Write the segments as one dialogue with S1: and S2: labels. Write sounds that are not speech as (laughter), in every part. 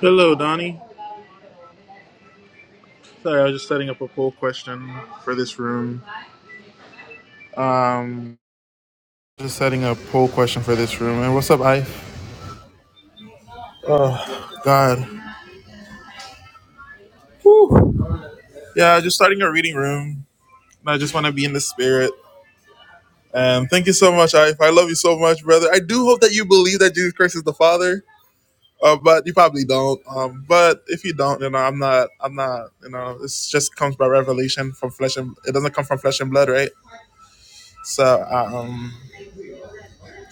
S1: Hello, Donnie. Sorry, I was just setting up a poll question for this room. Um, just setting a poll question for this room. And what's up, I? Oh, God. Yeah, just starting a reading room. And I just want to be in the spirit. And thank you so much, I. I love you so much, brother. I do hope that you believe that Jesus Christ is the Father. Uh, but you probably don't. Um, but if you don't, you know, I'm not. I'm not. You know, it just comes by revelation from flesh and. It doesn't come from flesh and blood, right? So um,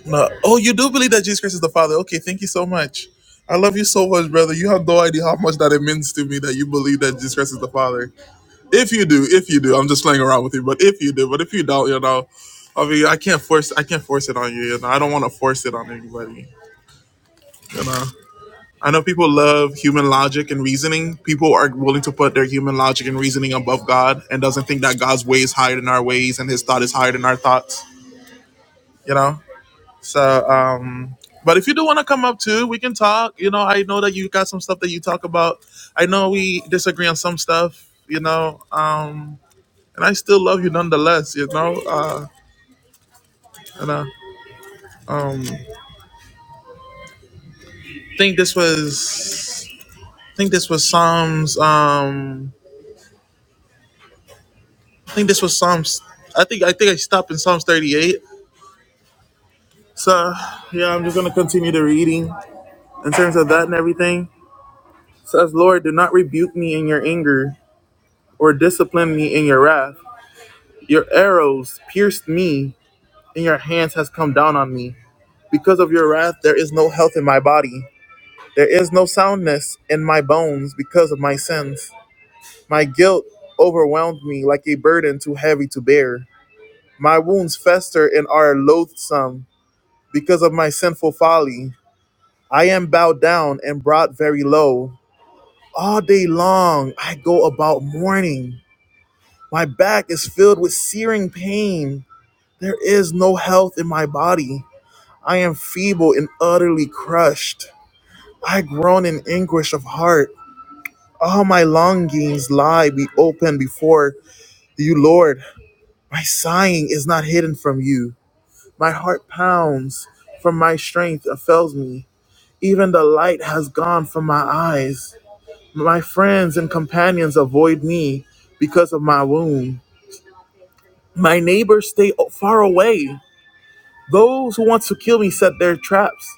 S1: No. Oh, you do believe that Jesus Christ is the Father. Okay, thank you so much. I love you so much, brother. You have no idea how much that it means to me that you believe that Jesus Christ is the Father. If you do, if you do, I'm just playing around with you. But if you do, but if you don't, you know, I mean, I can't force, I can't force it on you. You know, I don't want to force it on anybody. You know, I know people love human logic and reasoning. People are willing to put their human logic and reasoning above God and doesn't think that God's way is higher than our ways and His thought is higher than our thoughts. You know. So, um, but if you do want to come up too, we can talk. You know, I know that you got some stuff that you talk about. I know we disagree on some stuff. You know, um, and I still love you nonetheless. You know, uh, and uh, um, think this was, think this was Psalms. Um, I think this was Psalms. I think I think I stopped in Psalms thirty-eight. So yeah, I'm just gonna continue the reading in terms of that and everything. It Says, Lord, do not rebuke me in your anger, or discipline me in your wrath. Your arrows pierced me, and your hands has come down on me. Because of your wrath, there is no health in my body. There is no soundness in my bones because of my sins. My guilt overwhelmed me like a burden too heavy to bear. My wounds fester and are loathsome because of my sinful folly. I am bowed down and brought very low. All day long I go about mourning. My back is filled with searing pain. There is no health in my body. I am feeble and utterly crushed. I groan in anguish of heart. All my longings lie be open before you, Lord. My sighing is not hidden from you. My heart pounds from my strength and fails me. Even the light has gone from my eyes. My friends and companions avoid me because of my wound. My neighbors stay far away. Those who want to kill me set their traps.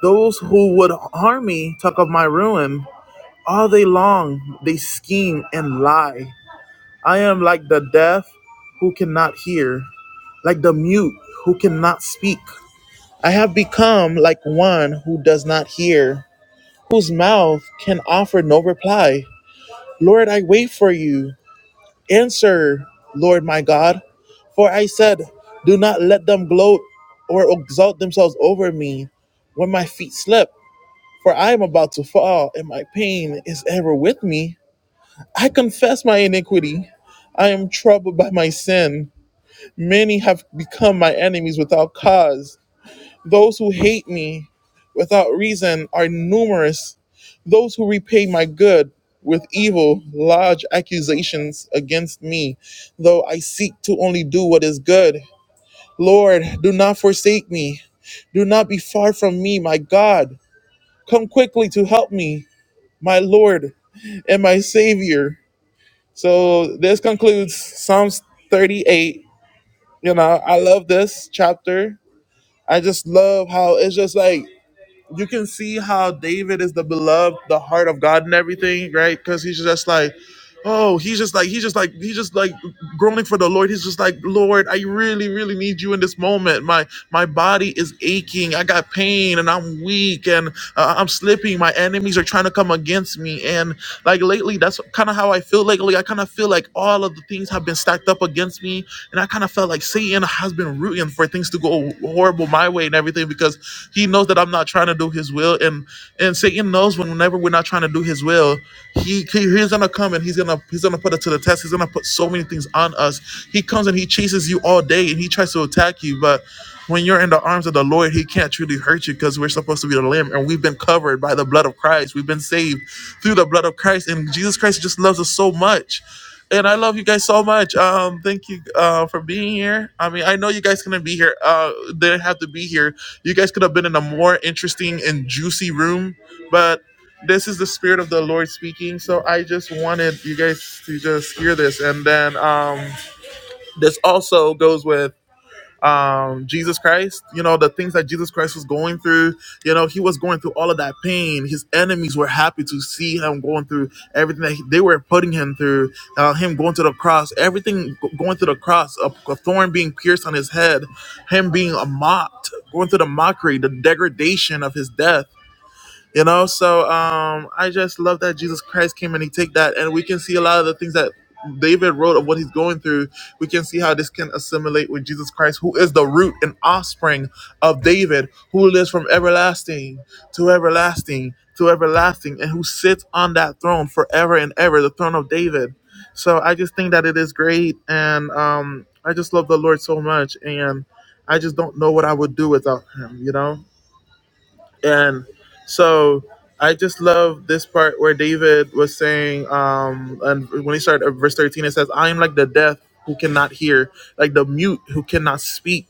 S1: Those who would harm me talk of my ruin. All day long they scheme and lie. I am like the deaf who cannot hear, like the mute who cannot speak. I have become like one who does not hear, whose mouth can offer no reply. Lord, I wait for you. Answer, Lord my God. For I said, Do not let them gloat or exalt themselves over me when my feet slip. For I am about to fall, and my pain is ever with me. I confess my iniquity. I am troubled by my sin. Many have become my enemies without cause. Those who hate me without reason are numerous. Those who repay my good with evil lodge accusations against me, though I seek to only do what is good. Lord, do not forsake me. Do not be far from me, my God. Come quickly to help me my Lord and my Savior. So this concludes Psalms 38. You know, I love this chapter. I just love how it's just like you can see how David is the beloved, the heart of God and everything, right? Because he's just like, oh, he's just like, he's just like, he's just like groaning for the Lord. He's just like, Lord, I really, really need you in this moment. My my body is aching. I got pain and I'm weak and uh, I'm slipping. My enemies are trying to come against me. And like lately, that's kind of how I feel lately. I kind of feel like all of the things have been stacked up against me and I kind of felt like Satan has been rooting for things to go horrible my way and everything because he knows that I'm not trying to do his will. And and Satan knows whenever we're not trying to do his will, he, he he's gonna come and he's gonna he's gonna put us to the test. He's gonna put so many things on us. He comes and he chases you all day and he tries to attack you. but. When you're in the arms of the Lord, He can't truly hurt you because we're supposed to be the Lamb and we've been covered by the blood of Christ. We've been saved through the blood of Christ, and Jesus Christ just loves us so much. And I love you guys so much. Um, thank you uh, for being here. I mean, I know you guys couldn't be here. Uh, didn't have to be here. You guys could have been in a more interesting and juicy room, but this is the spirit of the Lord speaking. So I just wanted you guys to just hear this, and then um, this also goes with um Jesus Christ, you know, the things that Jesus Christ was going through, you know, he was going through all of that pain. His enemies were happy to see him going through everything that he, they were putting him through, uh, him going to the cross, everything g- going to the cross, a, a thorn being pierced on his head, him being a mocked, going through the mockery, the degradation of his death you know so um i just love that jesus christ came and he take that and we can see a lot of the things that david wrote of what he's going through we can see how this can assimilate with jesus christ who is the root and offspring of david who lives from everlasting to everlasting to everlasting and who sits on that throne forever and ever the throne of david so i just think that it is great and um i just love the lord so much and i just don't know what i would do without him you know and so I just love this part where David was saying, um, and when he started at verse 13, it says, I am like the deaf who cannot hear, like the mute who cannot speak.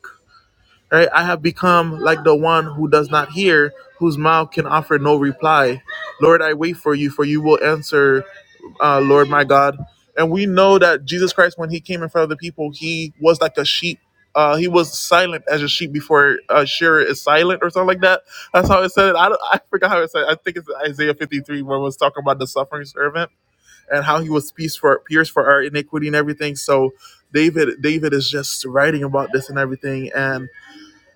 S1: Right? I have become like the one who does not hear, whose mouth can offer no reply. Lord, I wait for you, for you will answer uh, Lord my God. And we know that Jesus Christ, when he came in front of the people, he was like a sheep. Uh, he was silent as a sheep before a shearer is silent, or something like that. That's how it said it. I, don't, I forgot how it said. It. I think it's Isaiah 53, where it was talking about the suffering servant and how he was pierced for pierced for our iniquity and everything. So David, David is just writing about this and everything, and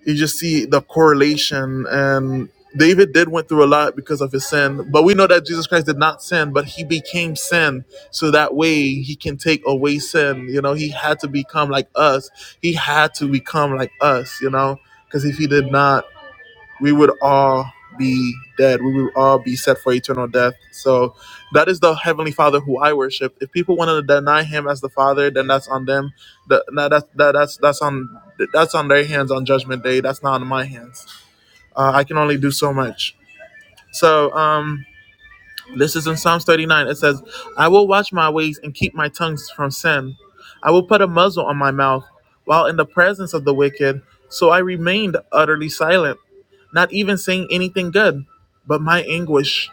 S1: you just see the correlation and david did went through a lot because of his sin but we know that jesus christ did not sin but he became sin so that way he can take away sin you know he had to become like us he had to become like us you know because if he did not we would all be dead. We would all be set for eternal death. So that is the heavenly Father who I worship. If people want to deny Him as the Father, then that's on them. That, no, that, that that's that's on that's on their hands on Judgment Day. That's not on my hands. Uh, I can only do so much. So um, this is in Psalms 39. It says, I will watch my ways and keep my tongues from sin. I will put a muzzle on my mouth while in the presence of the wicked. So I remained utterly silent, not even saying anything good. But my anguish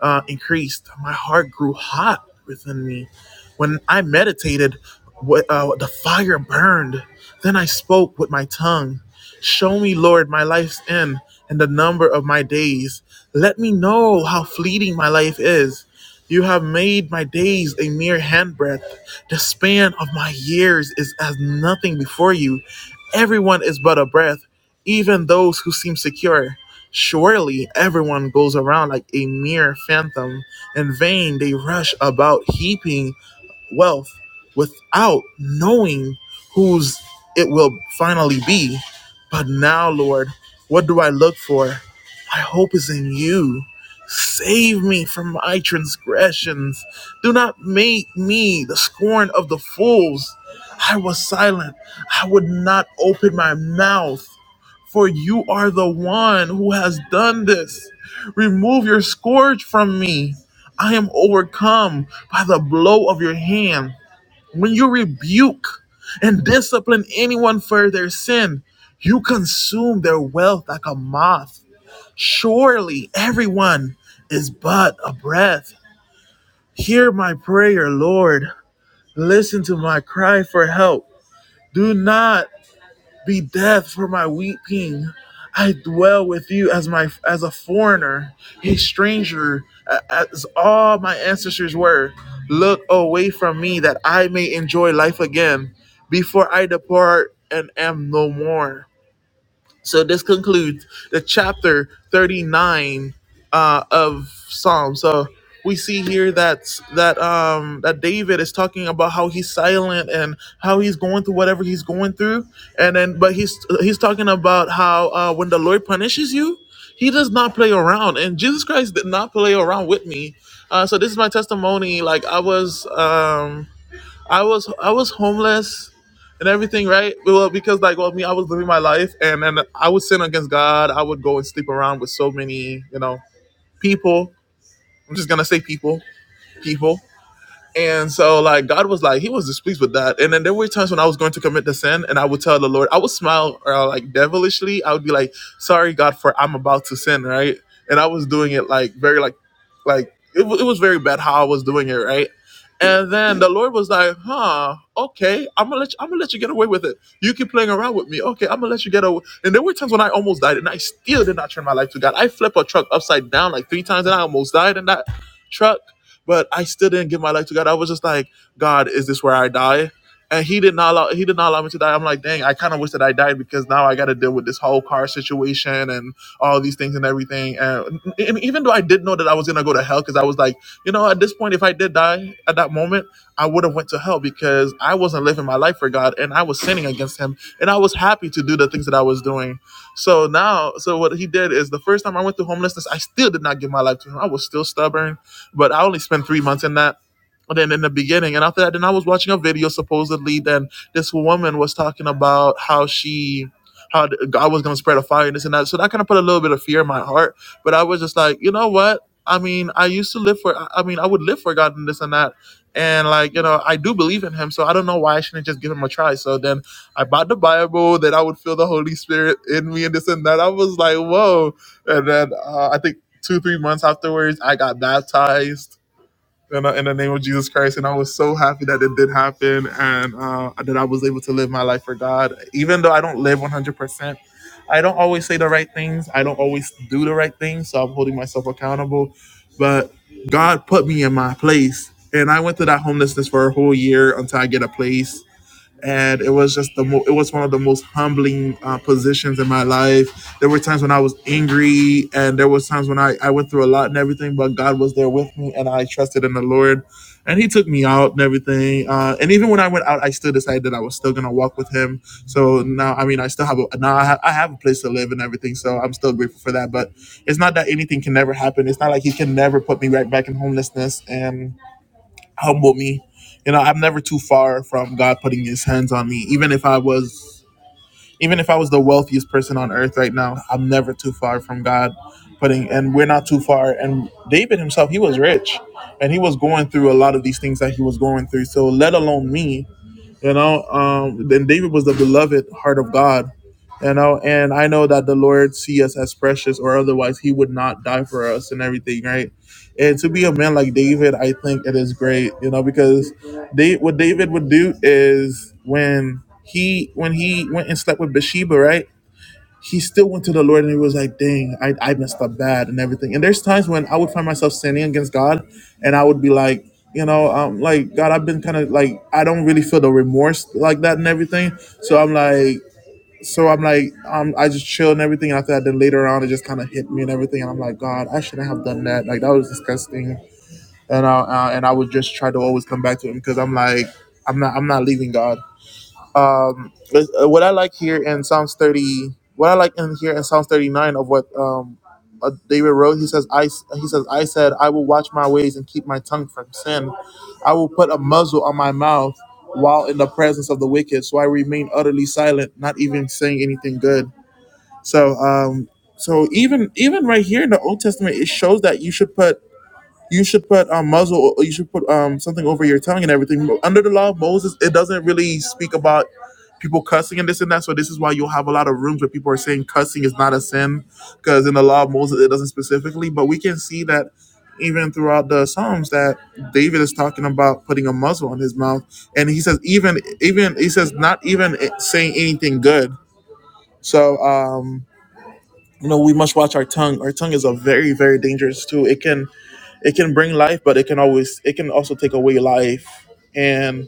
S1: uh, increased. My heart grew hot within me. When I meditated, uh, the fire burned. Then I spoke with my tongue. Show me, Lord, my life's end and the number of my days let me know how fleeting my life is. You have made my days a mere handbreadth. The span of my years is as nothing before you. Everyone is but a breath, even those who seem secure. Surely everyone goes around like a mere phantom. In vain they rush about heaping wealth without knowing whose it will finally be. But now, Lord, what do I look for? My hope is in you. Save me from my transgressions. Do not make me the scorn of the fools. I was silent. I would not open my mouth for you are the one who has done this. Remove your scourge from me. I am overcome by the blow of your hand. When you rebuke and discipline anyone for their sin, you consume their wealth like a moth. Surely everyone is but a breath. Hear my prayer, Lord. Listen to my cry for help. Do not be death for my weeping. I dwell with you as my as a foreigner, a stranger, as all my ancestors were. Look away from me that I may enjoy life again before I depart and am no more. So this concludes the chapter 39 uh, of Psalms. So we see here that that um, that David is talking about how he's silent and how he's going through whatever he's going through, and then but he's he's talking about how uh, when the Lord punishes you, He does not play around, and Jesus Christ did not play around with me. Uh, so this is my testimony. Like I was. Um, I was I was homeless and everything, right? Well, because like well, me, I was living my life, and then I would sin against God. I would go and sleep around with so many, you know, people. I'm just gonna say people, people. And so, like, God was like, He was displeased with that. And then there were times when I was going to commit the sin, and I would tell the Lord, I would smile uh, like devilishly. I would be like, "Sorry, God, for I'm about to sin," right? And I was doing it like very, like, like it, wa- it was very bad how I was doing it, right? And then the Lord was like, "Huh, okay, I'm gonna let you, I'm gonna let you get away with it. You keep playing around with me, okay? I'm gonna let you get away." And there were times when I almost died, and I still did not turn my life to God. I flipped a truck upside down like three times, and I almost died in that truck but I still didn't give my life to God. I was just like, God, is this where I die? And he did not allow he did not allow me to die. I'm like, dang, I kind of wish that I died because now I got to deal with this whole car situation and all these things and everything. And, and even though I did know that I was gonna go to hell, because I was like, you know, at this point, if I did die at that moment, I would have went to hell because I wasn't living my life for God and I was sinning against Him and I was happy to do the things that I was doing. So now, so what he did is the first time I went through homelessness, I still did not give my life to him. I was still stubborn. But I only spent three months in that. then in the beginning, and after that, then I was watching a video supposedly. Then this woman was talking about how she, how God was going to spread a fire and this and that. So that kind of put a little bit of fear in my heart. But I was just like, you know what? I mean, I used to live for. I I mean, I would live for God and this and that. And like you know, I do believe in Him, so I don't know why I shouldn't just give Him a try. So then I bought the Bible, that I would feel the Holy Spirit in me and this and that. I was like, whoa. And then uh, I think two, three months afterwards, I got baptized in the, in the name of Jesus Christ. And I was so happy that it did happen and uh, that I was able to live my life for God. Even though I don't live 100%, I don't always say the right things. I don't always do the right things. So I'm holding myself accountable. But God put me in my place. And I went through that homelessness for a whole year until I get a place and it was just the mo- it was one of the most humbling uh, positions in my life there were times when i was angry and there was times when I, I went through a lot and everything but god was there with me and i trusted in the lord and he took me out and everything uh, and even when i went out i still decided that i was still going to walk with him so now i mean i still have a now I, ha- I have a place to live and everything so i'm still grateful for that but it's not that anything can never happen it's not like he can never put me right back in homelessness and humble me. You know, I'm never too far from God putting his hands on me. Even if I was even if I was the wealthiest person on earth right now, I'm never too far from God putting and we're not too far. And David himself, he was rich and he was going through a lot of these things that he was going through. So let alone me, you know um then david was the beloved heart of god you know and i know that the lord see us as precious or otherwise he would not die for us and everything right and to be a man like david i think it is great you know because they what david would do is when he when he went and slept with bathsheba right he still went to the Lord and he was like, dang, I, I messed up bad and everything. And there's times when I would find myself sinning against God and I would be like, you know, um, like, God, I've been kind of like, I don't really feel the remorse like that and everything. So I'm like, so I'm like, um, I just chill and everything. And after that, then later on, it just kind of hit me and everything. And I'm like, God, I shouldn't have done that. Like, that was disgusting. And I, uh, and I would just try to always come back to him because I'm like, I'm not, I'm not leaving God um, is- uh, what I like here in Psalms 30, what I like in here in Psalms 39 of what um, uh, David wrote, he says, I, s- he says, I said, I will watch my ways and keep my tongue from sin. I will put a muzzle on my mouth while in the presence of the wicked. So I remain utterly silent, not even saying anything good. So, um, so even, even right here in the Old Testament, it shows that you should put you should put um, muzzle. You should put um, something over your tongue and everything. But Under the law of Moses, it doesn't really speak about people cussing and this and that. So this is why you'll have a lot of rooms where people are saying cussing is not a sin, because in the law of Moses it doesn't specifically. But we can see that even throughout the Psalms that David is talking about putting a muzzle on his mouth, and he says even even he says not even saying anything good. So um, you know we must watch our tongue. Our tongue is a very very dangerous tool. It can it can bring life, but it can always it can also take away life. and.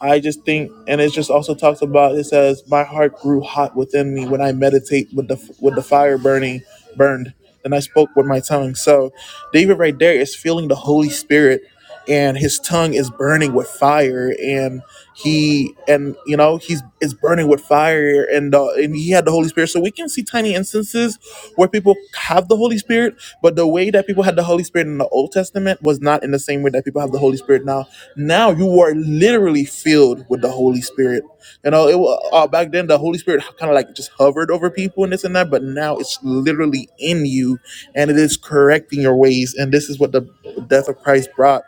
S1: I just think, and it just also talks about. It says, "My heart grew hot within me when I meditate with the with the fire burning, burned, and I spoke with my tongue." So, David right there is feeling the Holy Spirit, and his tongue is burning with fire, and he and you know he's is burning with fire, and uh, and he had the Holy Spirit. So we can see tiny instances where people have the Holy Spirit, but the way that people had the Holy Spirit in the Old Testament was not in the same way that people have the Holy Spirit now now you are literally filled with the Holy Spirit. You know, it was uh, back then the Holy Spirit kind of like just hovered over people and this and that, but now it's literally in you, and it is correcting your ways. And this is what the death of Christ brought.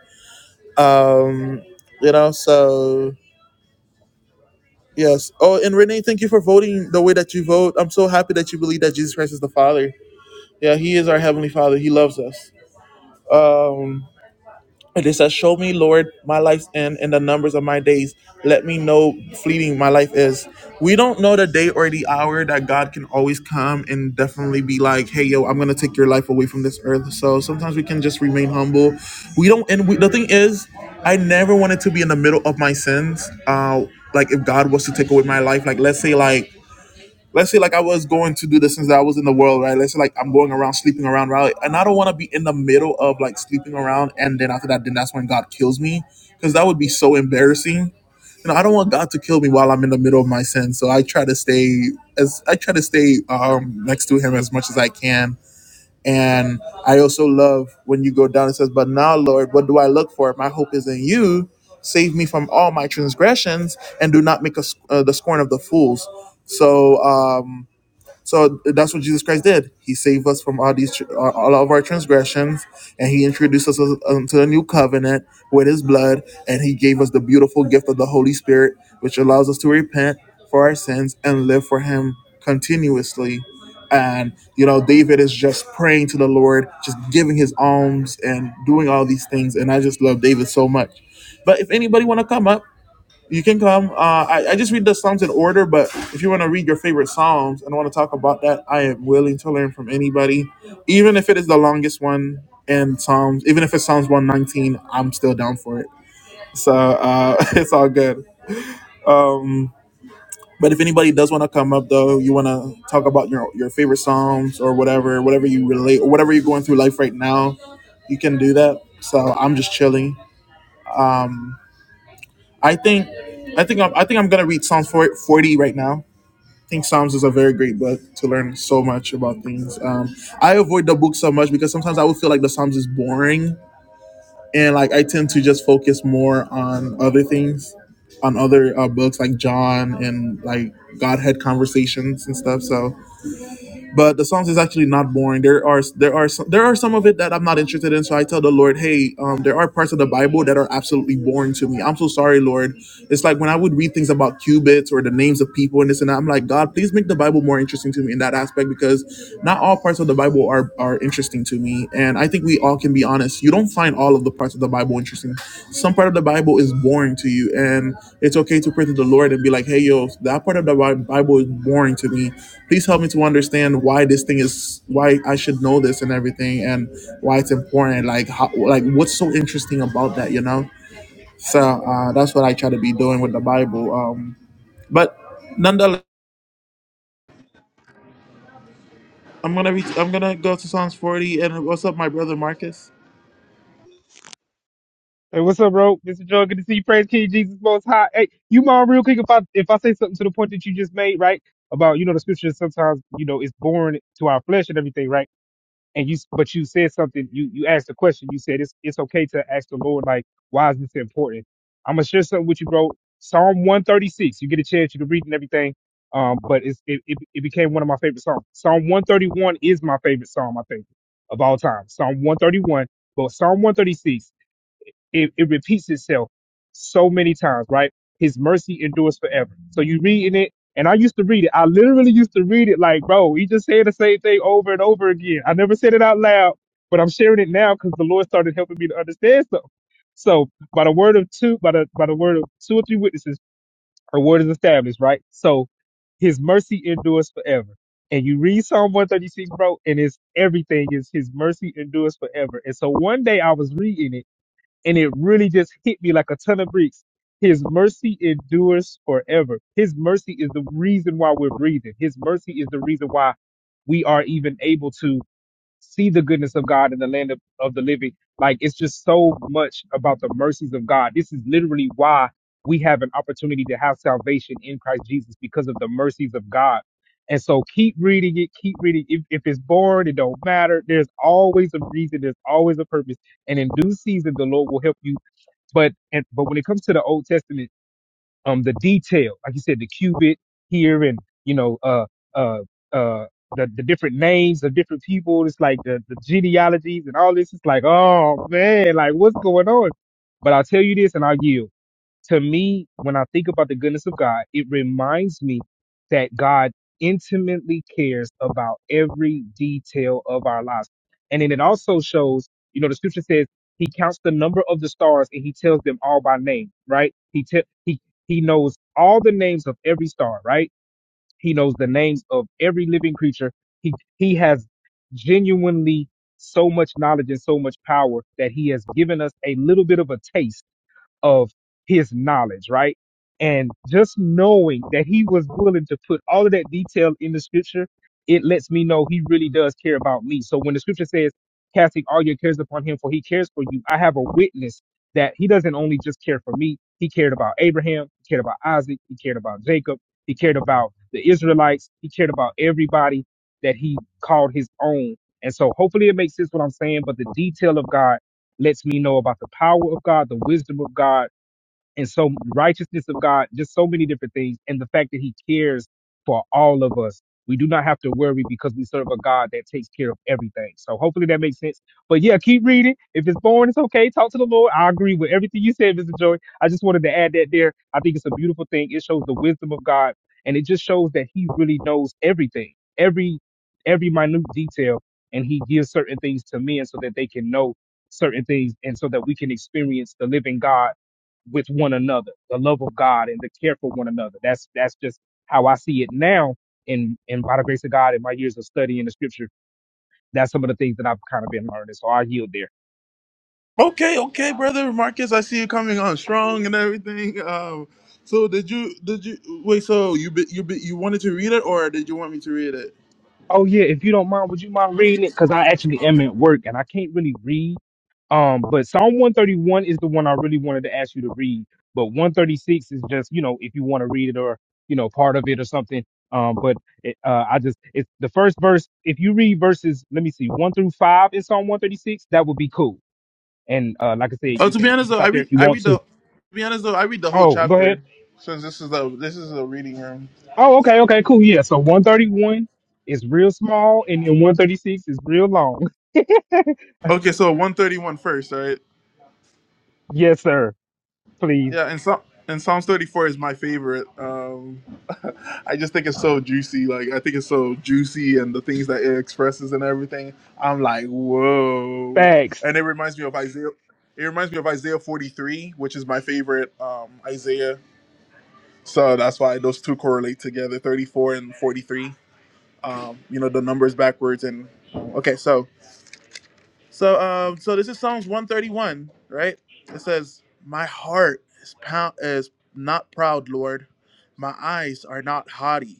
S1: Um, you know, so yes. Oh, and Renee, thank you for voting the way that you vote. I'm so happy that you believe that Jesus Christ is the Father. Yeah, He is our heavenly Father. He loves us. Um, And it says, Show me, Lord, my life's end and the numbers of my days. Let me know fleeting my life is. We don't know the day or the hour that God can always come and definitely be like, hey, yo, I'm going to take your life away from this earth. So sometimes we can just remain humble. We don't, and we, the thing is, I never wanted to be in the middle of my sins. Uh, like if God was to take away my life, like let's say like let's say like I was going to do this since I was in the world, right? Let's say like I'm going around sleeping around, right? And I don't want to be in the middle of like sleeping around, and then after that, then that's when God kills me, because that would be so embarrassing. You know, I don't want God to kill me while I'm in the middle of my sin, so I try to stay as I try to stay um, next to Him as much as I can. And I also love when you go down and says, "But now, Lord, what do I look for? My hope is in You." Save me from all my transgressions, and do not make us uh, the scorn of the fools. So, um, so that's what Jesus Christ did. He saved us from all these uh, all of our transgressions, and He introduced us to a new covenant with His blood, and He gave us the beautiful gift of the Holy Spirit, which allows us to repent for our sins and live for Him continuously. And you know, David is just praying to the Lord, just giving his alms and doing all these things. And I just love David so much. But if anybody want to come up you can come. Uh, I, I just read the Psalms in order, but if you want to read your favorite Psalms and want to talk about that, I am willing to learn from anybody, even if it is the longest one in Psalms. Even if it's Psalms 119, I'm still down for it. So uh, (laughs) it's all good. Um, but if anybody does want to come up, though, you want to talk about your your favorite Psalms or whatever, whatever you relate, or whatever you're going through life right now, you can do that. So I'm just chilling. Um, I think, I think I'm, I think I'm gonna read Psalms 40 right now I think Psalms is a very great book to learn so much about things. Um, I avoid the book so much because sometimes I would feel like the Psalms is boring, and like I tend to just focus more on other things, on other uh, books like John and like Godhead conversations and stuff. So but the songs is actually not boring. There are there are some, there are some of it that I'm not interested in. So I tell the Lord, hey, um, there are parts of the Bible that are absolutely boring to me. I'm so sorry, Lord. It's like when I would read things about cubits or the names of people and this and that. I'm like, God, please make the Bible more interesting to me in that aspect because not all parts of the Bible are are interesting to me. And I think we all can be honest. You don't find all of the parts of the Bible interesting. Some part of the Bible is boring to you, and it's okay to pray to the Lord and be like, hey, yo, that part of the Bi- Bible is boring to me please help me to understand why this thing is why I should know this and everything and why it's important like how, like what's so interesting about that you know so uh, that's what I try to be doing with the Bible um but nonetheless I'm gonna reach I'm gonna go to Psalms 40 and what's up my brother Marcus
S2: Hey, what's up, bro? Mr. Joe, good to see you. Praise King Jesus Most High. Hey, you mind real quick if I if I say something to the point that you just made, right? About you know the scriptures sometimes you know it's born to our flesh and everything, right? And you but you said something. You you asked a question. You said it's it's okay to ask the Lord like why is this important? I'm gonna share something with you, bro. Psalm 136. You get a chance, you can read and everything. Um, but it's it, it it became one of my favorite songs. Psalm 131 is my favorite psalm, I think, of all time. Psalm 131, but Psalm 136 it, it repeats itself so many times, right? His mercy endures forever. So you reading it, and I used to read it. I literally used to read it like, bro, he just saying the same thing over and over again. I never said it out loud, but I'm sharing it now because the Lord started helping me to understand something. So by the word of two, by the by the word of two or three witnesses, a word is established, right? So his mercy endures forever. And you read Psalm 136, bro, and it's everything is his mercy endures forever. And so one day I was reading it and it really just hit me like a ton of bricks. His mercy endures forever. His mercy is the reason why we're breathing. His mercy is the reason why we are even able to see the goodness of God in the land of, of the living. Like it's just so much about the mercies of God. This is literally why we have an opportunity to have salvation in Christ Jesus because of the mercies of God. And so keep reading it, keep reading. If, if it's boring, it don't matter. There's always a reason, there's always a purpose. And in due season, the Lord will help you. But and, but when it comes to the Old Testament, um the detail like you said the cubit here and you know uh uh uh the, the different names of different people it's like the, the genealogies and all this it's like oh man like what's going on but i'll tell you this and i'll yield to me, when I think about the goodness of God, it reminds me that God intimately cares about every detail of our lives. And then it also shows, you know, the scripture says he counts the number of the stars and he tells them all by name, right? He te- he he knows all the names of every star, right? He knows the names of every living creature. He he has genuinely so much knowledge and so much power that he has given us a little bit of a taste of his knowledge, right? And just knowing that he was willing to put all of that detail in the scripture, it lets me know he really does care about me. So when the scripture says, casting all your cares upon him, for he cares for you, I have a witness that he doesn't only just care for me, he cared about Abraham, he cared about Isaac, he cared about Jacob, he cared about the Israelites, he cared about everybody that he called his own. And so hopefully it makes sense what I'm saying, but the detail of God lets me know about the power of God, the wisdom of God, and so righteousness of God, just so many different things, and the fact that He cares for all of us. We do not have to worry because we serve a God that takes care of everything. So hopefully that makes sense. But yeah, keep reading. If it's boring, it's okay. Talk to the Lord. I agree with everything you said, Mr. Joy. I just wanted to add that there. I think it's a beautiful thing. It shows the wisdom of God, and it just shows that He really knows everything, every every minute detail, and He gives certain things to men so that they can know certain things, and so that we can experience the living God with one another, the love of God and the care for one another. That's that's just how I see it now. And and by the grace of God, in my years of studying the Scripture, that's some of the things that I've kind of been learning. So I yield there.
S1: okay okay brother Marcus I see you coming on strong and everything um so did you did you wait so you be, you be, you wanted to read it or did you want me to read it
S2: Oh yeah, if you don't mind, would you mind reading it? Because I actually am at work and I can't really read. Um, but Psalm one thirty one is the one I really wanted to ask you to read. But one thirty six is just you know if you want to read it or you know part of it or something. Um, but it, uh, I just it's the first verse. If you read verses, let me see one through five in Psalm one thirty six, that would be cool. And uh, like I said,
S1: Oh,
S2: you
S1: to
S2: can
S1: be
S2: you
S1: honest
S2: can
S1: though, I
S2: stop there
S1: read
S2: if you
S1: I
S2: want
S1: read
S2: to.
S1: the to be honest though, I read the whole
S2: Oh, go ahead.
S1: chapter since this is the this is a reading room.
S2: Oh, okay, okay, cool. Yeah. So one thirty one is real small, and then one thirty six is real long. (laughs)
S1: Okay, so one thirty one first, right?
S2: Yes, sir. please.
S1: Yeah, and Psalm and Psalms 34 is my favorite. Um, (laughs) I just think it's so juicy. Like I think it's so juicy, and the things that it expresses and everything. I'm like, whoa!
S2: Facts.
S1: And it reminds me of Isaiah. It reminds me of Isaiah 43, which is my favorite um, Isaiah. So that's why those two correlate together, 34 and 43. um, you know the numbers backwards and okay so so um so this is psalms 131 right it says my heart is pound is not proud lord my eyes are not haughty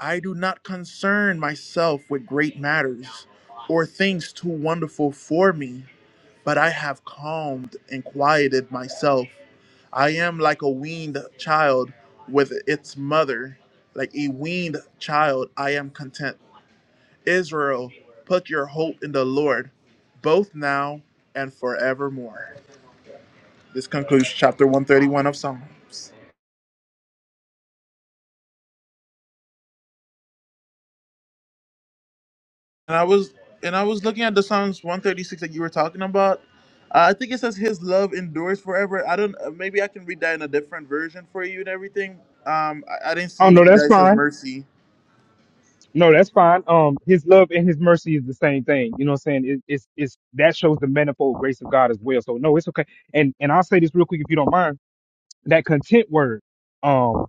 S1: i do not concern myself with great matters or things too wonderful for me but i have calmed and quieted myself i am like a weaned child with its mother like a weaned child i am content Israel, put your hope in the Lord, both now and forevermore. This concludes chapter 131 of Psalms. And I was and I was looking at the Psalms 136 that you were talking about. Uh, I think it says his love endures forever. I don't uh, maybe I can read that in a different version for you and everything. Um I, I didn't
S2: Oh
S1: see
S2: no, that's
S1: that it says
S2: fine.
S1: mercy.
S2: No, that's fine. Um, his love and his mercy is the same thing. You know what I'm saying? It, it's it's that shows the manifold grace of God as well. So no, it's okay. And and I'll say this real quick if you don't mind. That content word. Um,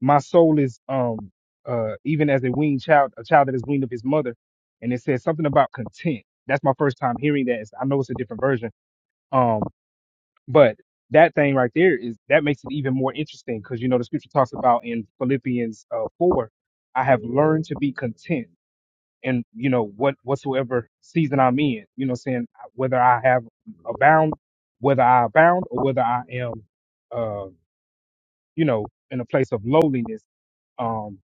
S2: my soul is um uh even as a weaned child, a child that is weaned of his mother, and it says something about content. That's my first time hearing that. It's- I know it's a different version. Um, But that thing right there is that makes it even more interesting because you know the scripture talks about in Philippians uh, four, I have learned to be content in you know what whatsoever season I'm in. You know, saying whether I have abound, whether I abound, or whether I am, uh, you know, in a place of lowliness. Um,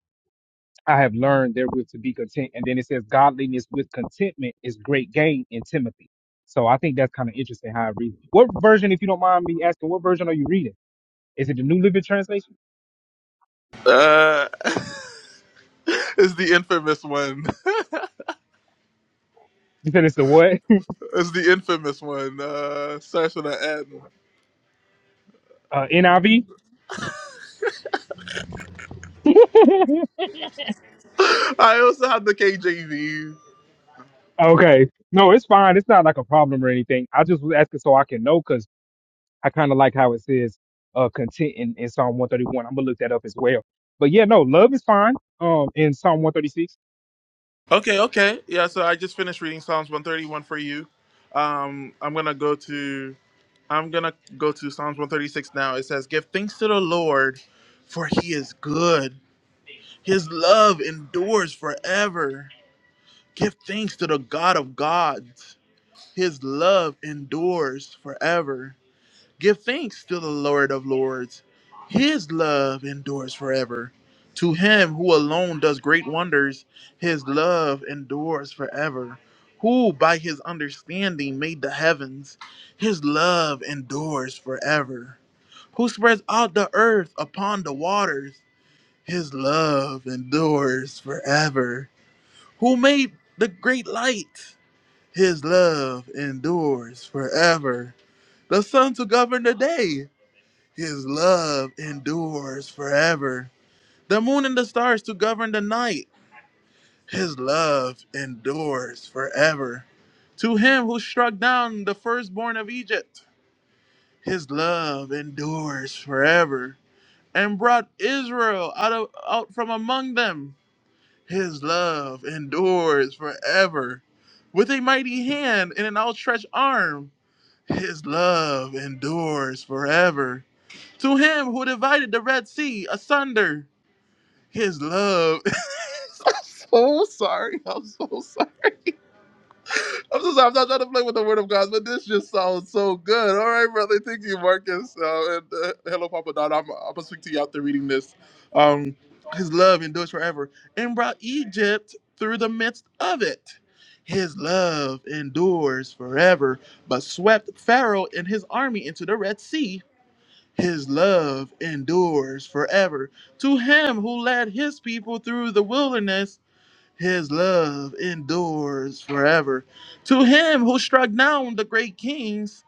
S2: I have learned therewith to be content. And then it says godliness with contentment is great gain in Timothy. So I think that's kind of interesting how I read. it. What version, if you don't mind me asking, what version are you reading? Is it the New Living Translation?
S1: Uh (laughs) it's the infamous one. (laughs)
S2: You said it's the what?
S1: It's the infamous one. Uh starts with an N.
S2: Uh, NIV? (laughs)
S1: (laughs) I also have the KJV.
S2: okay. No, it's fine. It's not like a problem or anything. I just was asking so I can know because I kind of like how it says uh, content in, in Psalm 131. I'm going to look that up as well. But yeah, no, love is fine um, in Psalm 136.
S1: Okay, okay. Yeah, so I just finished reading Psalms 131 for you. Um, I'm gonna go to I'm gonna go to Psalms 136 now. It says, Give thanks to the Lord, for he is good. His love endures forever. Give thanks to the God of gods. His love endures forever. Give thanks to the Lord of Lords. His love endures forever. To him who alone does great wonders, his love endures forever. Who by his understanding made the heavens, his love endures forever. Who spreads out the earth upon the waters, his love endures forever. Who made the great light, his love endures forever. The sun to govern the day. His love endures forever. The moon and the stars to govern the night. His love endures forever. To him who struck down the firstborn of Egypt, his love endures forever. And brought Israel out, of, out from among them, his love endures forever. With a mighty hand and an outstretched arm, his love endures forever. To him who divided the Red Sea asunder, his love. (laughs) I'm so sorry. I'm so sorry. I'm so sorry. I'm not trying to play with the word of God, but this just sounds so good. All right, brother. Thank you, Marcus. Uh, and uh, hello, Papa Don. I'm, I'm going to speak to you after reading this. Um, his love endures forever and brought Egypt through the midst of it. His love endures forever, but swept Pharaoh and his army into the Red Sea his love endures forever. To him who led his people through the wilderness his love endures forever. To him who struck down the great kings,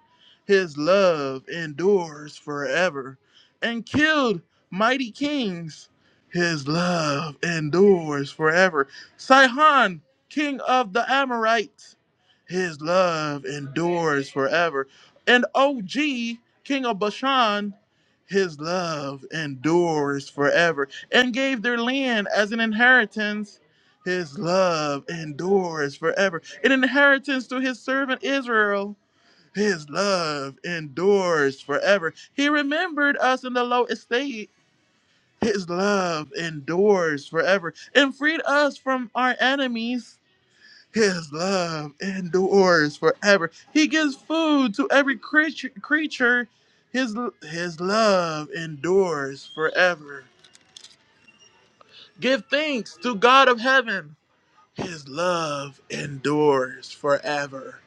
S1: his love endures forever. And killed mighty kings, his love endures forever. Sihon, king of the Amorites, his love endures forever. And OG, king of Bashan, his love endures forever. And gave their land as an inheritance his love endures forever. An inheritance to his servant Israel. His love endures forever. He remembered us in the low estate. His love endures forever and freed us from our enemies. His love endures forever. He gives food to every creature. creature. His, his love endures forever. Give thanks to God of heaven His love endures forever.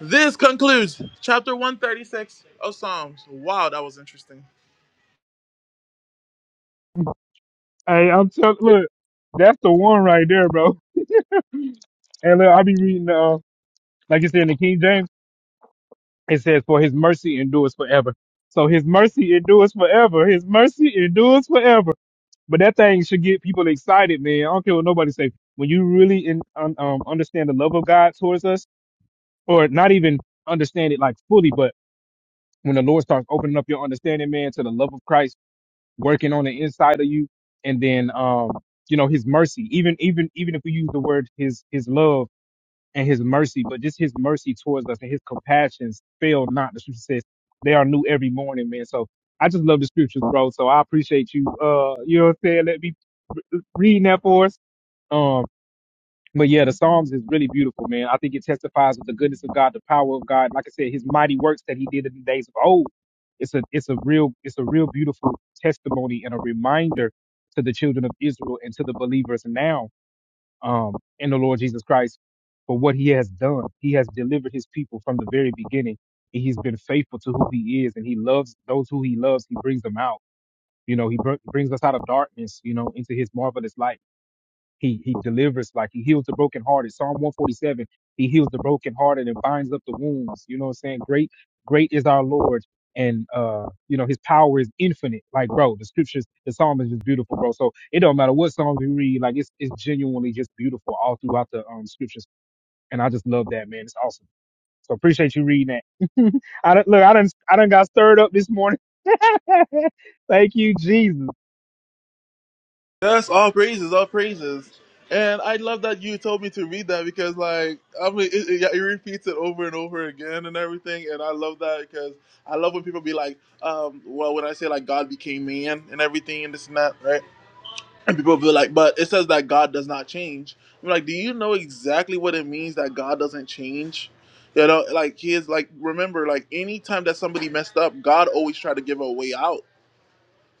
S1: This concludes chapter 136 of Psalms. Wow, that was interesting.
S2: Hey, I'm telling, look, that's the one right there, bro. (laughs) And look, I'll be reading, uh, like you said in the King James, it says, For his mercy endures forever. So his mercy endures forever. His mercy endures forever. But that thing should get people excited, man. I don't care what nobody say. When you really in, un, um, understand the love of God towards us, or not even understand it like fully, but when the Lord starts opening up your understanding, man, to the love of Christ working on the inside of you, and then um, you know His mercy, even even even if we use the word His His love and his mercy, but just his mercy towards us and his compassions fail not. The scripture says they are new every morning, man. So I just love the scriptures, bro. So I appreciate you. Uh, you know what I'm saying? Let me read that for us. Um, but yeah, the Psalms is really beautiful, man. I think it testifies of the goodness of God, the power of God. Like I said, His mighty works that He did in the days of old. It's a it's a real it's a real beautiful testimony and a reminder to the children of Israel and to the believers now um, in the Lord Jesus Christ for what he has done. He has delivered his people from the very beginning. and He's been faithful to who he is, and he loves those who he loves. He brings them out. You know, he br- brings us out of darkness, you know, into his marvelous light he he delivers, like he heals the brokenhearted. Psalm 147, he heals the brokenhearted and binds up the wounds. You know what I'm saying? Great, great is our Lord. And uh, you know, his power is infinite. Like, bro, the scriptures, the psalm is just beautiful, bro. So it don't matter what psalms you read, like it's it's genuinely just beautiful all throughout the um scriptures. And I just love that, man. It's awesome. So appreciate you reading that. (laughs) I don't look, I done I done got stirred up this morning. (laughs) Thank you, Jesus.
S1: Yes, all praises, all praises. And I love that you told me to read that because, like, I mean, it, it, yeah, it repeats it over and over again and everything. And I love that because I love when people be like, um, well, when I say, like, God became man and everything and this and that, right? And people feel like, but it says that God does not change. I'm like, do you know exactly what it means that God doesn't change? You know, like he is like remember, like anytime that somebody messed up, God always tried to give a way out,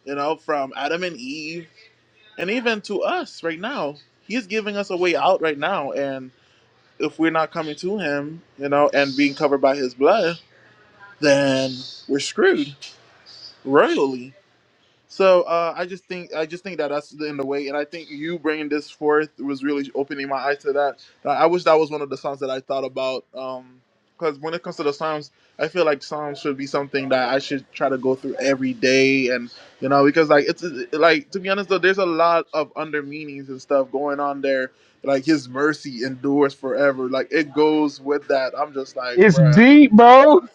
S1: you know, from Adam and Eve and even to us right now. He is giving us a way out right now. And if we're not coming to him, you know, and being covered by his blood, then we're screwed royally So uh, I just think I just think that that's the, in the way, and I think you bringing this forth was really opening my eyes to that. Uh, I wish that was one of the songs that I thought about, because when it comes to the psalms, I feel like psalms should be something that I should try to go through every day, and you know, because like it's it- like to be honest though, there's a lot of under meanings and stuff going on there. Like His mercy endures forever, like it goes with that. I'm just like,
S2: It's
S1: bruh
S2: deep, bro. (laughs)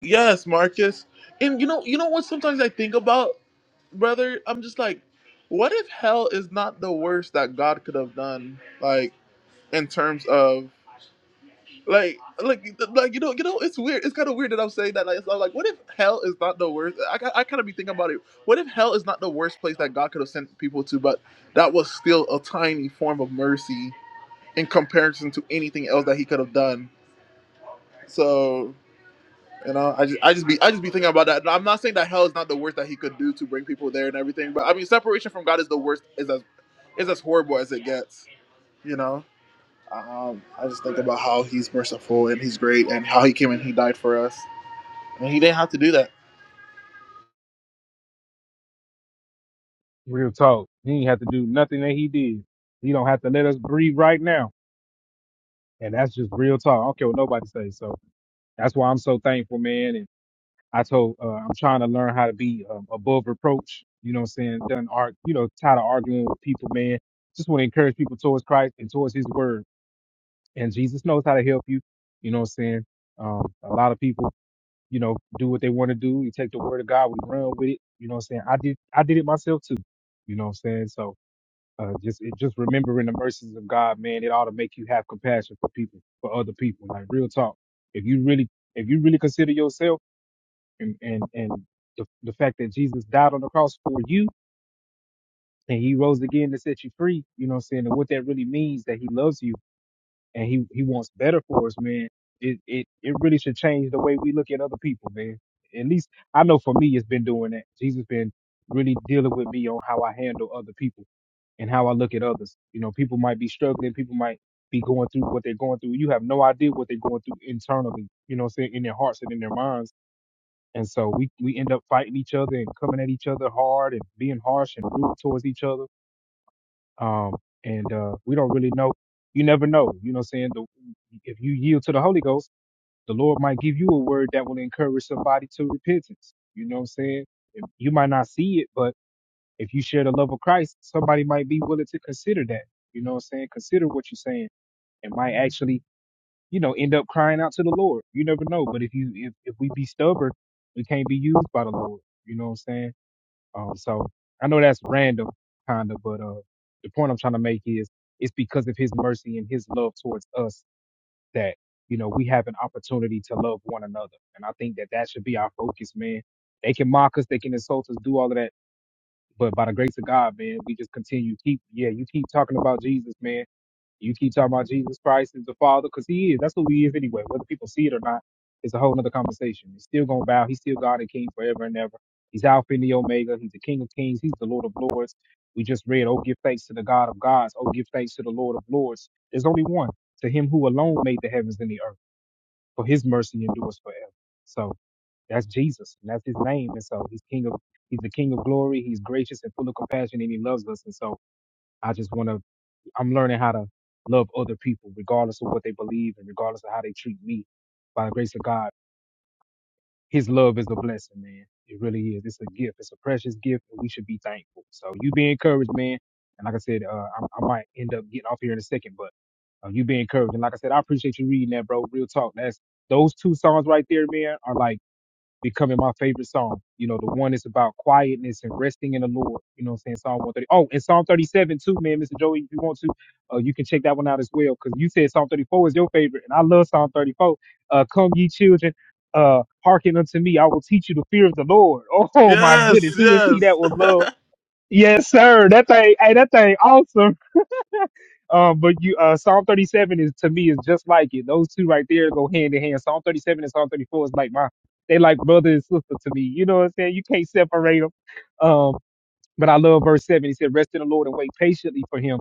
S1: Yes, Marcus. And you know, you know what? Sometimes I think about, brother. I'm just like, what if hell is not the worst that God could have done? Like in terms of like, like, like you know, you know, it's weird. It's kind of weird that I'm saying that. Like, it's not like, what if hell is not the worst? I, I kind of be thinking about it. What if hell is not the worst place that God could have sent people to, but that was still a tiny form of mercy in comparison to anything else that He could have done? So. You know, I just, I just be, I just be thinking about that. I'm not saying that hell is not the worst that he could do to bring people there and everything, but I mean, separation from God is the worst, is as, is as horrible as it gets. You know, um, I just think about how He's merciful and He's great and how He came and He died for us, and He didn't have to do that.
S2: Real talk. He ain't have to do nothing that he did. He don't have to let us breathe right now. And that's just real talk. I don't care what nobody says. So that's why I'm so thankful, man. And I told, uh, I'm trying to learn how to be um, above reproach. You know what I'm saying? Done arg, you know, tired of arguing with people, man. Just want to encourage people towards Christ and towards his word. And Jesus knows how to help you. You know what I'm saying? Um, a lot of people, you know, do what they want to do. You take the word of God, we run with it. You know what I'm saying? I did, I did it myself too. You know what I'm saying? So, Uh, just it, just remembering the mercies of God, man, it ought to make you have compassion for people, for other people. Like real talk. If you really if you really consider yourself and and and the, the fact that Jesus died on the cross for you and he rose again to set you free, you know what I'm saying? And what that really means that he loves you and he he wants better for us, man. It it it really should change the way we look at other people, man. At least I know for me it's been doing that. Jesus been really dealing with me on how I handle other people and how I look at others. You know, people might be struggling, people might be going through what they're going through. You have no idea what they're going through internally, you know, what I'm saying in their hearts and in their minds. And so we we end up fighting each other and coming at each other hard and being harsh and rude towards each other. Um, and uh, we don't really know. You never know. You know, what I'm saying the, if you yield to the Holy Ghost, the Lord might give you a word that will encourage somebody to repentance. You know, what I'm saying you might not see it, but if you share the love of Christ, somebody might be willing to consider that. You know what I'm saying? Consider what you're saying. It might actually, you know, end up crying out to the Lord. You never know. But if you if, if we be stubborn, we can't be used by the Lord. You know what I'm saying? Um so I know that's random kinda, but uh the point I'm trying to make is it's because of his mercy and his love towards us that you know we have an opportunity to love one another and i think that that should be our focus man they can mock us they can insult us do all of that but by the grace of God, man, we just continue keep yeah, you keep talking about Jesus, man. You keep talking about Jesus Christ as the Father, because He is. That's who He is anyway. Whether people see it or not, it's a whole nother conversation. He's still gonna bow. He's still God and King forever and ever. He's Alpha and the Omega. He's the King of Kings. He's the Lord of Lords. We just read, "Oh, give thanks to the God of gods. Oh, give thanks to the Lord of Lords." There's only one. To Him who alone made the heavens and the earth, for His mercy endures forever. So. That's Jesus, and that's his name. And so he's King of he's the King of glory. He's gracious and full of compassion, and he loves us. And so I just want to I'm learning how to love other people, regardless of what they believe and regardless of how they treat me. By the grace of God, His love is a blessing, man. It really is. It's a gift. It's a precious gift, and we should be thankful. So you be encouraged, man. And like I said, uh, I, I might end up getting off here in a second, but uh, you be encouraged. And like I said, I appreciate you reading that, bro. Real talk. That's those two songs right there, man, are like becoming my favorite psalm. You know, the one that's about quietness and resting in the Lord. You know what I'm saying? Psalm 130. Oh, and Psalm 37 too, man, Mr. Joey, if you want to, uh, you can check that one out as well. Cause you said Psalm 34 is your favorite. And I love Psalm 34. Uh, come ye children, uh, hearken unto me. I will teach you the fear of the Lord. (laughs) Oh my
S1: Yes,
S2: goodness. Who is he
S1: yes,
S2: that will love? Yes, sir. That thing, hey, that thing awesome. Um, but you, uh, Psalm 37 is to me is just like it. Those two right there go hand in hand. Psalm 37 and Psalm 34 is like my, they like brother and sister to me. You know what I'm saying? You can't separate them. Um, but I love verse seven. He said, "Rest in the Lord and wait patiently for Him."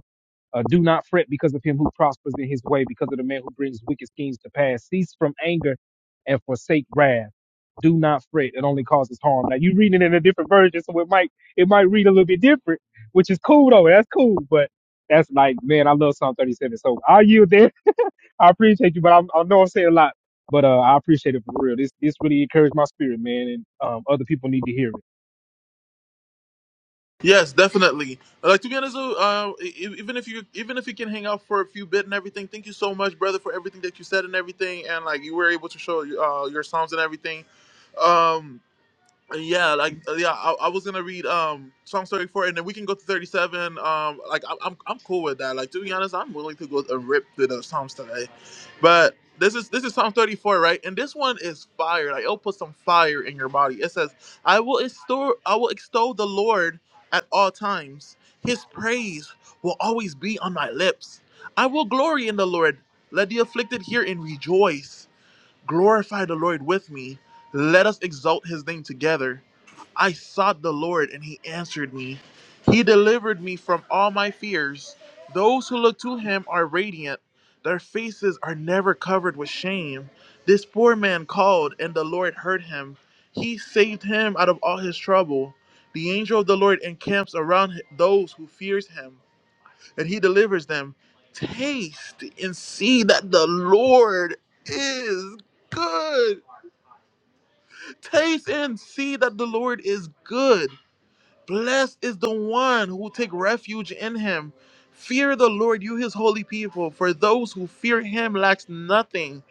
S2: Uh, do not fret because of him who prospers in his way, because of the man who brings wicked schemes to pass. Cease from anger and forsake wrath. Do not fret. It only causes harm. Now you reading it in a different version, so it might it might read a little bit different, which is cool though. That's cool, but that's like, man, I love Psalm 37. So I yield there. (laughs) I appreciate you, but I, I know I'm saying a lot, but uh, I appreciate it for real. This this really encouraged my spirit, man, and um, other people need to hear it.
S1: yes, definitely. Like to be honest, though, uh, e- even if you even if you can hang out for a few bit and everything, thank you so much, brother, for everything that you said and everything, and like you were able to show uh, your psalms and everything. Um, Uh, yeah like uh, yeah I, I was gonna read um psalm 34 and then we can go to 37 um like I, i'm i'm cool with that like to be honest i'm willing to go and rip through the psalms today but this is this is psalm 34 right and this one is fire like it'll put some fire in your body it says i will extol i will extol the lord at all times his praise will always be on my lips i will glory in the lord let the afflicted hear and rejoice glorify the lord with me let us exalt his name together I sought the Lord, and he answered me. He delivered me from all my fears. Those who look to him are radiant, their faces are never covered with shame. This poor man called, and the Lord heard him. He saved him out of all his trouble. The angel of the Lord encamps around those who fears him, and he delivers them. Taste and see that the Lord is good. Taste and see that the Lord is good. Blessed is the one who take refuge in him. Fear the Lord, you his holy people, for those who fear him lacks nothing.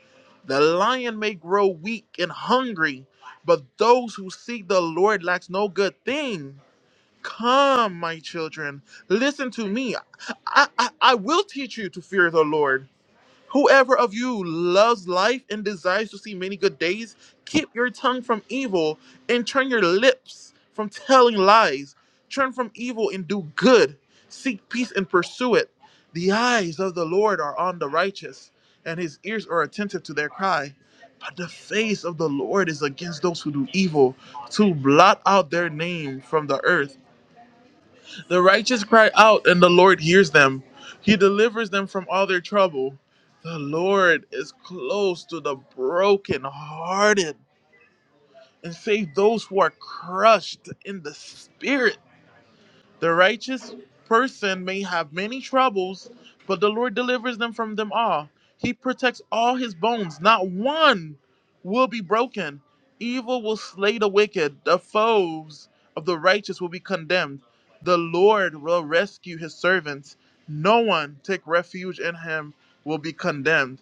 S1: The lion may grow weak and hungry, but those who seek the Lord lacks no good thing. Come, my children, listen to me. I, I, I will teach you to fear the Lord. Whoever of you loves life and desires to see many good days, keep your tongue from evil and turn your lips from telling lies. Turn from evil and do good. Seek peace and pursue it. The eyes of the Lord are on the righteous, and his ears are attentive to their cry. But the face of the Lord is against those who do evil, to blot out their name from the earth. The righteous cry out, and the Lord hears them. He delivers them from all their trouble. The Lord is close to the brokenhearted and save those who are crushed in the spirit. The righteous person may have many troubles, but the Lord delivers them from them all. He protects all his bones, not one will be broken. Evil will slay the wicked, the foes of the righteous will be condemned. The Lord will rescue his servants. No one take refuge in him will be condemned.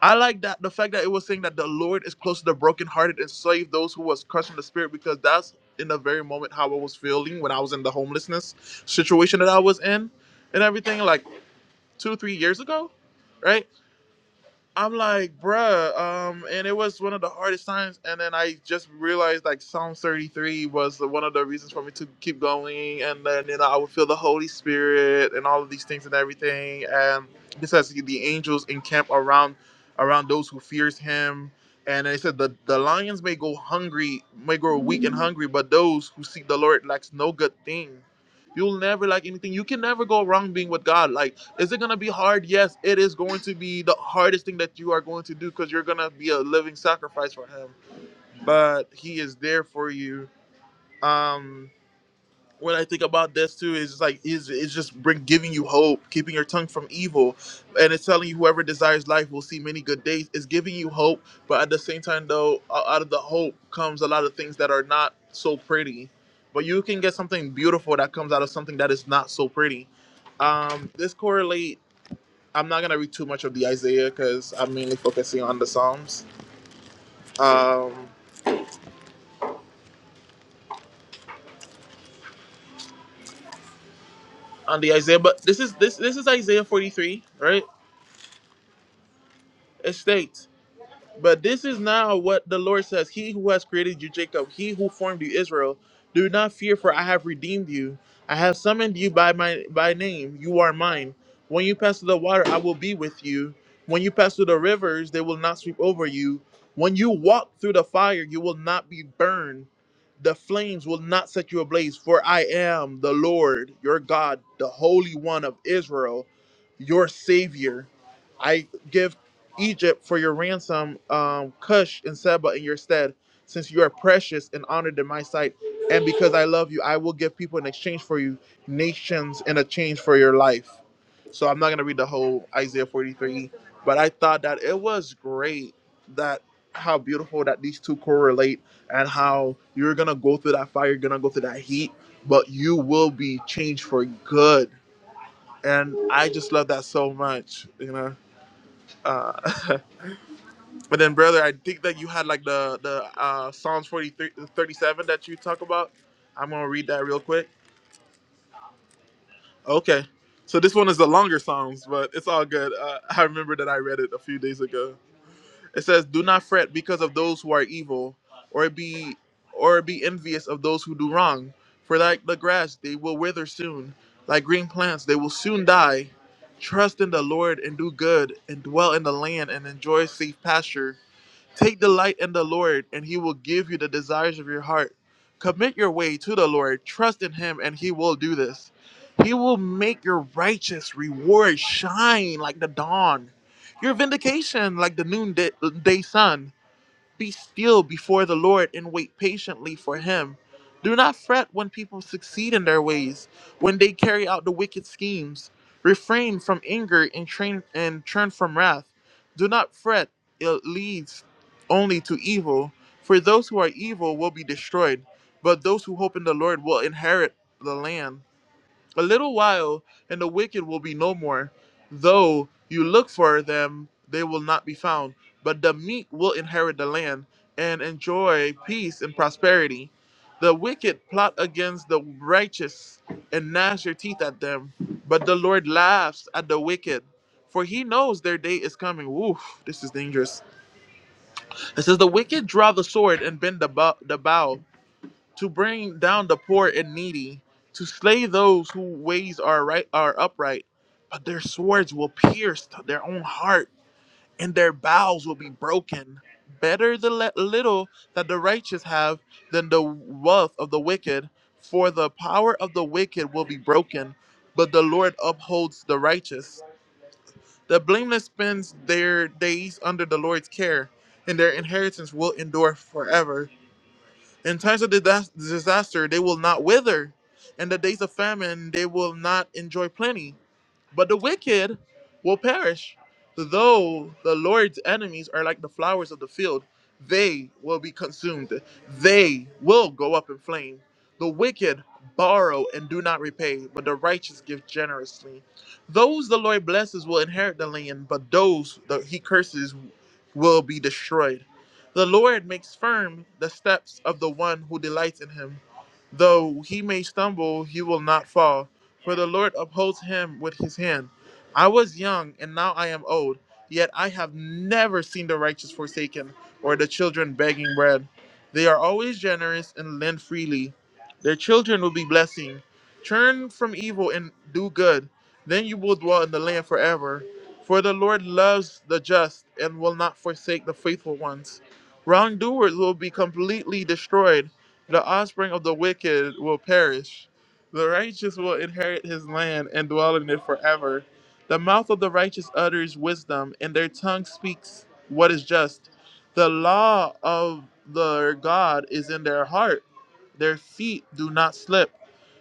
S1: I like that the fact that it was saying that the Lord is close to the brokenhearted and save those who was crushed in the spirit because that's in the very moment how I was feeling when I was in the homelessness situation that I was in and everything like two three years ago, right? I'm like, bruh, um, and it was one of the hardest times. And then I just realized like Psalm 33 was the, one of the reasons for me to keep going. And then you know I would feel the Holy Spirit and all of these things and everything. And it says the angels encamp around around those who fears Him. And it said the the lions may go hungry, may grow weak and hungry, but those who seek the Lord lacks no good thing. You'll never lack anything. You can never go wrong being with God. Like is it going to be hard? Yes, it is going to be the hardest thing that you are going to do because you're going to be a living sacrifice for him. But he is there for you. Um, when I think about this too, it's just like is it's just bring giving you hope, keeping your tongue from evil, and it's telling you whoever desires life will see many good days. It's giving you hope, but at the same time though, out of the hope comes a lot of things that are not so pretty. But you can get something beautiful that comes out of something that is not so pretty um, this correlates I'm not gonna read too much of the Isaiah because I'm mainly focusing on the Psalms. Um, on the Isaiah, but this is this this is Isaiah 43, right? It states. But this is now what the Lord says He who has created you, Jacob, he who formed you, Israel, do not fear, for I have redeemed you. I have summoned you by my by name. You are mine. When you pass through the water, I will be with you. When you pass through the rivers, they will not sweep over you. When you walk through the fire, you will not be burned. The flames will not set you ablaze, for I am the Lord your God, the Holy One of Israel, your Savior. I give Egypt for your ransom, um, Cush and Seba in your stead, since you are precious and honored in my sight. And because I love you, I will give people in exchange for you, nations in a change for your life. So I'm not gonna read the whole Isaiah 43, but I thought that it was great that how beautiful that these two correlate and how you're gonna go through that fire, you're gonna go through that heat, but you will be changed for good. And I just love that so much, you know. Uh, (laughs) But then, brother, I think that you had like the the uh, Psalms 43, 37 that you talk about. I'm gonna read that real quick. Okay, so this one is the longer Psalms, but it's all good. Uh, I remember that I read it a few days ago. It says, "Do not fret because of those who are evil, or be or be envious of those who do wrong. For like the grass, they will wither soon. Like green plants, they will soon die. Trust in the Lord and do good, and dwell in the land and enjoy safe pasture." Take delight in the Lord, and he will give you the desires of your heart. Commit your way to the Lord, trust in him, and he will do this. He will make your righteous reward shine like the dawn, your vindication like the noonday day sun. Be still before the Lord and wait patiently for him. Do not fret when people succeed in their ways, when they carry out the wicked schemes. Refrain from anger and, train, and turn from wrath. Do not fret, it leads only to evil. For those who are evil will be destroyed, but those who hope in the Lord will inherit the land. A little while, and the wicked will be no more. Though you look for them, they will not be found. But the meek will inherit the land and enjoy peace and prosperity. The wicked plot against the righteous and gnash their teeth at them. But the Lord laughs at the wicked, for he knows their day is coming. Woof, this is dangerous. It says, The wicked draw the sword and bend the bow, the bow to bring down the poor and needy, to slay those whose ways are right are upright, but their swords will pierce their own heart, and their bowels will be broken. Better the le- little that the righteous have than the wealth of the wicked, for the power of the wicked will be broken, but the Lord upholds the righteous. The blameless spends their days under the Lord's care, and their inheritance will endure forever. In times of didas- disaster, they will not wither. In the days of famine, they will not enjoy plenty. But the wicked will perish. Though the Lord's enemies are like the flowers of the field, they will be consumed. They will go up in flame. The wicked borrow and do not repay, but the righteous give generously. Those the Lord blesses will inherit the land, but those that he curses will be destroyed. The Lord makes firm the steps of the one who delights in him. Though he may stumble, he will not fall for the Lord upholds him with his hand. I was young, and now I am old, yet I have never seen the righteous forsaken, or the children begging bread. They are always generous and lend freely. Their children will be blessing. Turn from evil and do good, then you will dwell in the land forever. For the Lord loves the just and will not forsake the faithful ones. Wrongdoers will be completely destroyed, the offspring of the wicked will perish. The righteous will inherit his land and dwell in it forever. The mouth of the righteous utters wisdom, and their tongue speaks what is just. The law of their God is in their heart, their feet do not slip.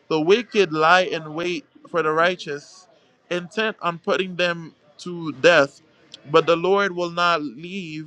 S1: The wicked lie in wait for the righteous, intent on putting them to death. But the Lord will not leave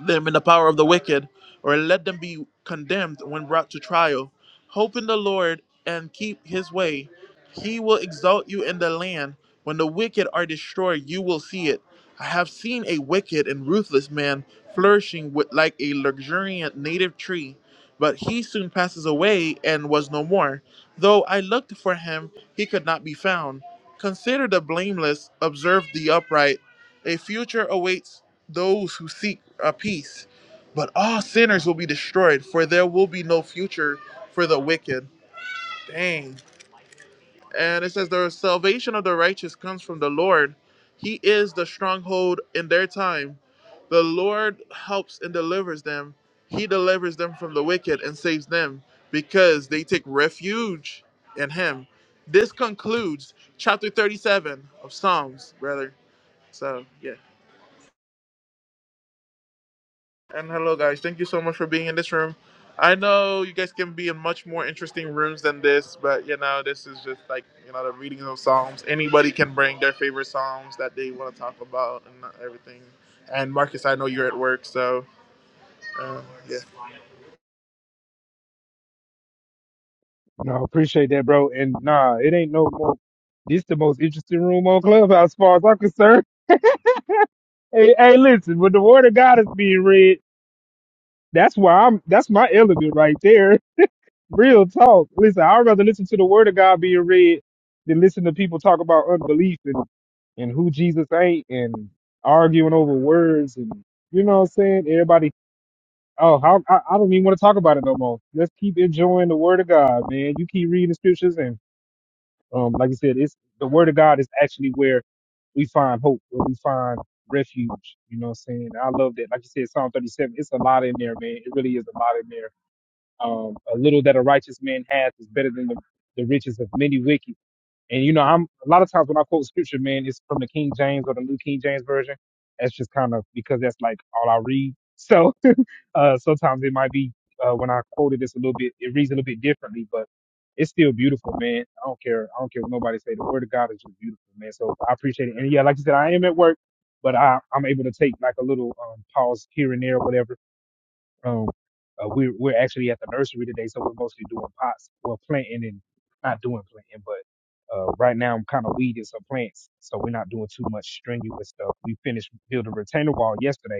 S1: them in the power of the wicked, or let them be condemned when brought to trial. Hope in the Lord and keep his way. He will exalt you in the land. When the wicked are destroyed, you will see it. I have seen a wicked and ruthless man flourishing with, like a luxuriant native tree, but he soon passes away and was no more. Though I looked for him, he could not be found. Consider the blameless, observe the upright. A future awaits those who seek a peace, but all sinners will be destroyed, for there will be no future for the wicked. Dang. And it says, The salvation of the righteous comes from the Lord. He is the stronghold in their time. The Lord helps and delivers them. He delivers them from the wicked and saves them because they take refuge in Him. This concludes chapter 37 of Psalms, brother. So, yeah. And hello, guys. Thank you so much for being in this room. I know you guys can be in much more interesting rooms than this, but you know, this is just like, you know, the reading of Psalms. Anybody can bring their favorite Psalms that they want to talk about and everything. And Marcus, I know you're at work, so uh, yeah.
S2: No, I appreciate that, bro. And nah, it ain't no more. This the most interesting room on Clubhouse, as far as I'm concerned. Hey, hey, listen, when the word of God is being read, that's why I'm. That's my element right there. (laughs) Real talk. Listen, I'd rather listen to the word of God being read than listen to people talk about unbelief and and who Jesus ain't and arguing over words and you know what I'm saying. Everybody. Oh, how, I, I don't even want to talk about it no more. Let's keep enjoying the word of God, man. You keep reading the scriptures and Um, like I said, it's the word of God is actually where we find hope, where we find refuge. You know what I'm saying? I love that. Like you said, Psalm 37, it's a lot in there, man. It really is a lot in there. Um, a little that a righteous man hath is better than the, the riches of many wicked. And you know, I'm a lot of times when I quote scripture, man, it's from the King James or the New King James version. That's just kind of because that's like all I read. (laughs) So uh, sometimes it might be uh, when I quoted this a little bit, it reads a little bit differently, but it's still beautiful, man. I don't care. I don't care what nobody say. The word of God is just beautiful, man. So I appreciate it. And yeah, like you said, I am at work, but I, I'm able to take like a little um, pause here and there, or whatever. Um, uh, we're we're actually at the nursery today, so we're mostly doing pots, well planting and not doing planting, but uh, right now I'm kind of weeding some plants, so we're not doing too much strenuous stuff. We finished building a retainer wall yesterday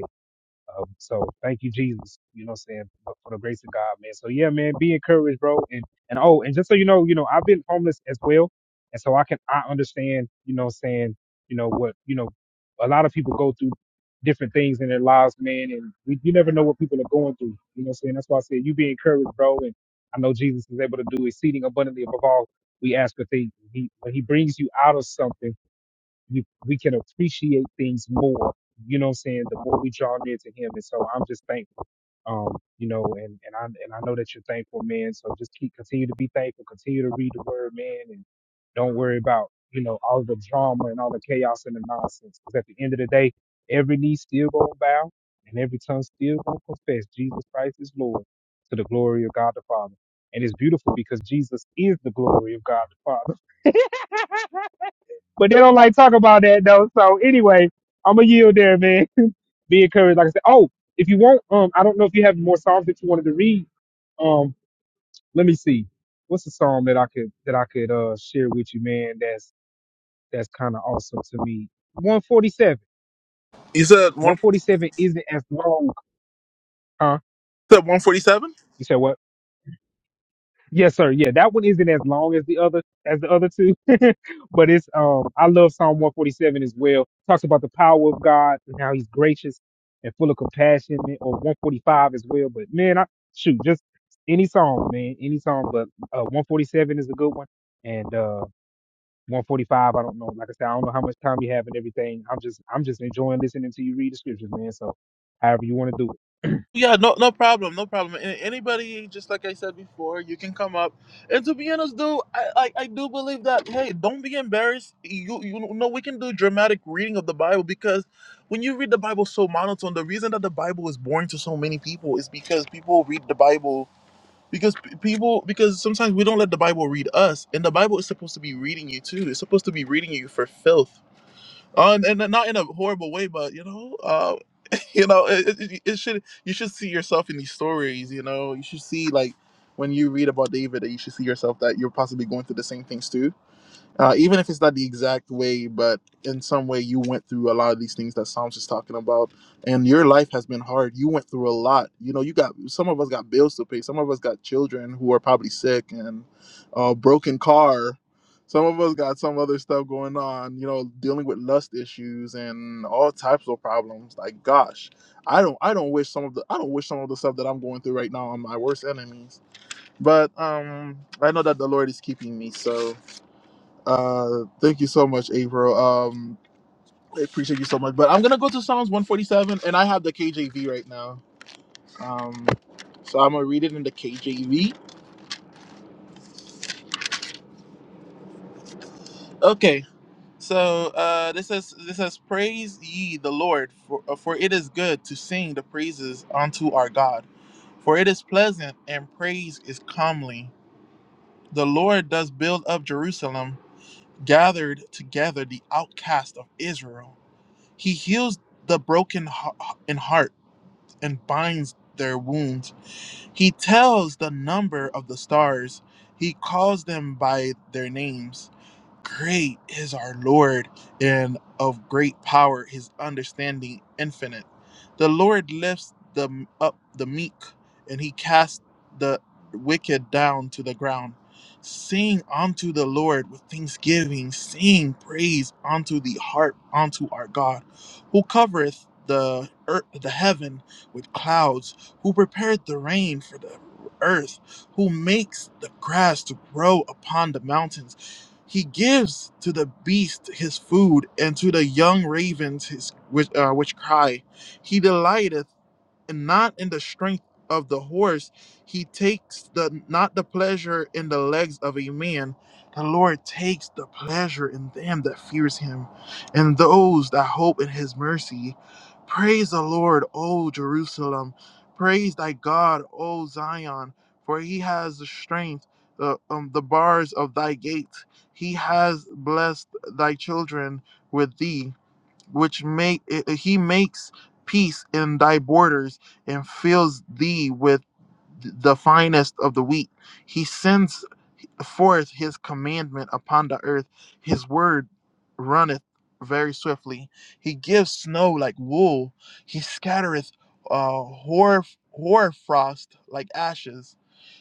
S2: um, so thank you, Jesus. You know what I'm saying? For for the grace of God, man. So yeah, man, be encouraged, bro. And and oh, and just so you know, you know, I've been homeless as well. And so I can I understand, you know what I'm saying, you know, what, you know, a lot of people go through different things in their lives, man, and we, you never know what people are going through. You know what I'm saying? That's why I said you be encouraged, bro. And I know Jesus is able to do exceeding abundantly above all we ask or think. He when he brings you out of something you, we can appreciate things more. You know what I'm saying? The more we draw near to Him. And so I'm just thankful. Um, you know, and, and I and I know that you're thankful, man. So just keep continue to be thankful, continue to read the word, man, and don't worry about, you know, all the drama and all the chaos and the nonsense. Because at the end of the day, every knee still gonna bow and every tongue still gonna confess Jesus Christ is Lord to the glory of God the Father. And it's beautiful because Jesus is the glory of God the Father. But they don't like talk about that though. So anyway, I'm gonna yield there, man. (laughs) Be encouraged. Like I said, oh, if you want, um, I don't know if you have more songs that you wanted to read. Um, let me see. What's a song that I could that I could uh share with you, man? That's that's kind of awesome to me. 147.
S1: You said one,
S2: 147 isn't as long, huh?
S1: said 147?
S2: You said what? Yes, sir. Yeah, that one isn't as long as the other as the other two, (laughs) but it's um I love Psalm 147 as well. Talks about the power of God and how He's gracious and full of compassion, or 145 as well. But man, I shoot just any song, man, any song. But uh, 147 is a good one, and uh 145. I don't know. Like I said, I don't know how much time you have and everything. I'm just I'm just enjoying listening to you read the scriptures, man. So however you want to do it.
S1: Yeah, no, no problem, no problem. And anybody, just like I said before, you can come up. And to be honest, though, I, I, I do believe that. Hey, don't be embarrassed. You, you know, we can do dramatic reading of the Bible because when you read the Bible so monotone, the reason that the Bible is boring to so many people is because people read the Bible because p- people because sometimes we don't let the Bible read us, and the Bible is supposed to be reading you too. It's supposed to be reading you for filth, uh, and, and not in a horrible way, but you know, uh, (laughs) you know it, it, it should you should see yourself in these stories you know you should see like when you read about david that you should see yourself that you're possibly going through the same things too uh, even if it's not the exact way, but in some way you went through a lot of these things that Psalms is talking about, and your life has been hard. You went through a lot. You know, you got some of us got bills to pay. Some of us got children who are probably sick and a broken car. Some of us got some other stuff going on. You know, dealing with lust issues and all types of problems. Like, gosh, I don't, I don't wish some of the, I don't wish some of the stuff that I'm going through right now on my worst enemies. But um, I know that the Lord is keeping me, so uh, thank you so much, April. Um, I appreciate you so much. But I'm gonna go to Psalms 147, and I have the KJV right now. Um, so I'm gonna read it in the KJV. Okay. So uh, this is this says, "Praise ye the Lord, for uh, for it is good to sing the praises unto our God, for it is pleasant, and praise is comely. The Lord does build up Jerusalem, gathered together the outcast of Israel. He heals the broken hea- in heart." and binds their wounds. He tells the number of the stars. He calls them by their names. Great is our Lord, and of great power his understanding infinite. The Lord lifts the up the meek, and he casts the wicked down to the ground. Sing unto the Lord with thanksgiving, sing praise unto the harp unto our God, who covereth the earth the heaven with clouds, who prepared the rain for the earth, who makes the grass to grow upon the mountains he gives to the beast his food, and to the young ravens his which, uh, which cry. He delighteth and not in the strength of the horse. He takes the not the pleasure in the legs of a man. The Lord takes the pleasure in them that fears him, and those that hope in his mercy. Praise the Lord, O Jerusalem. Praise thy God, O Zion, for he has the strength, the, um, the bars of thy gates. He has blessed thy children with thee which make eh, eh, he makes peace in thy borders and fills thee with the finest of the wheat he sends forth his commandment upon the earth his word runneth very swiftly he gives snow like wool he scattereth uh hoar hoar frost like ashes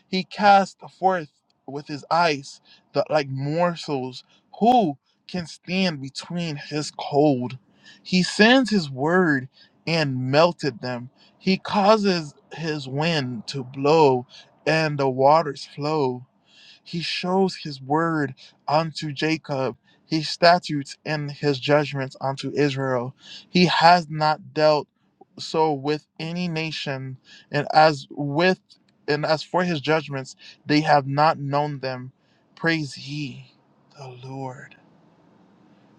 S1: he cast forth with his eyes the like morsels. Who can stand between his cold? He sends his word and melted them. He causes his wind to blow and the waters flow. He shows his word unto Jacob, his statutes and his judgments unto Israel. He has not dealt so with any nation, and as with and as for his judgments, they have not known them. Praise ye the Lord.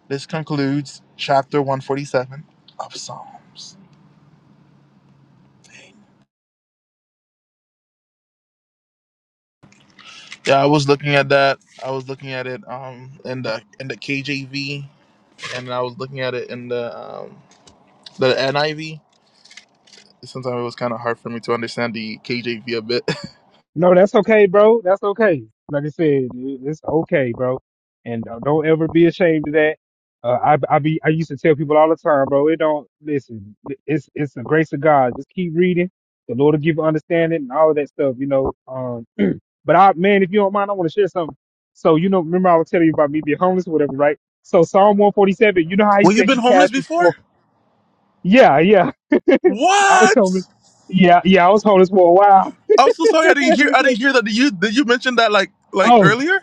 S1: This concludes chapter 147 of Psalms. Yeah, I was looking at that. I was looking at it um in the in the KJV, and I was looking at it in the um The NIV, sometimes it was kind of hard for me to understand the KJV a bit. (laughs)
S2: No, that's okay, bro. That's okay. Like I said, it- it's okay, bro. And uh, don't ever be ashamed of that. Uh, I I be I used to tell people all the time, bro. It don't listen. It's it's the grace of God. Just keep reading. The Lord will give you understanding and all that stuff, you know. Um, but I man, if you don't mind, I want to share something. So you know, remember I was telling you about me being homeless or whatever, right? So Psalm one forty seven. You know how he
S1: Well, you've
S2: said
S1: been
S2: he
S1: homeless
S2: cast his
S1: before?
S2: forth. Yeah, yeah. (laughs) I was
S1: What?
S2: homeless. Yeah, yeah. I was homeless for a while.
S1: I'm so sorry I didn't hear I
S2: (laughs)
S1: didn't hear that. Did you did you mention that like like
S2: oh
S1: earlier?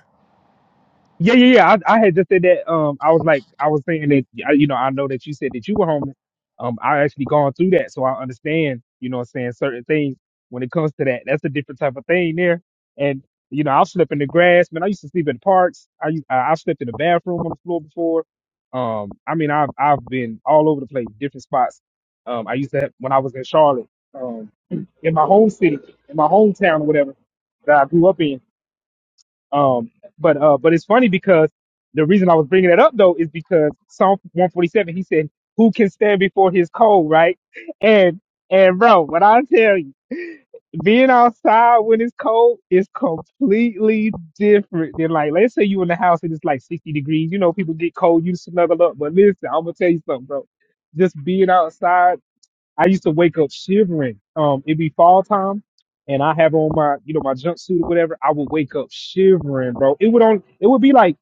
S2: Yeah, yeah, yeah. I, I had just said that. Um, I was like, I was saying that, I- you know, I know that you said that you were homeless. Um, I actually gone through that, so I understand, you know, what I'm saying certain things when it comes to that. That's a different type of thing there. And you know, I'll sleep in the grass, man. I used to sleep in parks. I u- I- I've slept in the bathroom on the floor before. Um, I mean, I've I've been all over the place, different spots. Um, I used to have, when I was in Charlotte, um, in my home city, in my hometown or whatever that I grew up in. Um, but uh, but it's funny because the reason I was bringing that up though is because Psalm 147, he said, "Who can stand before His cold?" Right? And and bro, what I tell you, being outside when it's cold is completely different than like, let's say you in the house and it's like 60 degrees. You know, people get cold, you snuggle up. But listen, I'm gonna tell you something, bro. Just being outside I used to wake up shivering. Um, it'd be fall time, and I have on my, you know, my jumpsuit or whatever. I would wake up shivering, bro. It would on, it would be like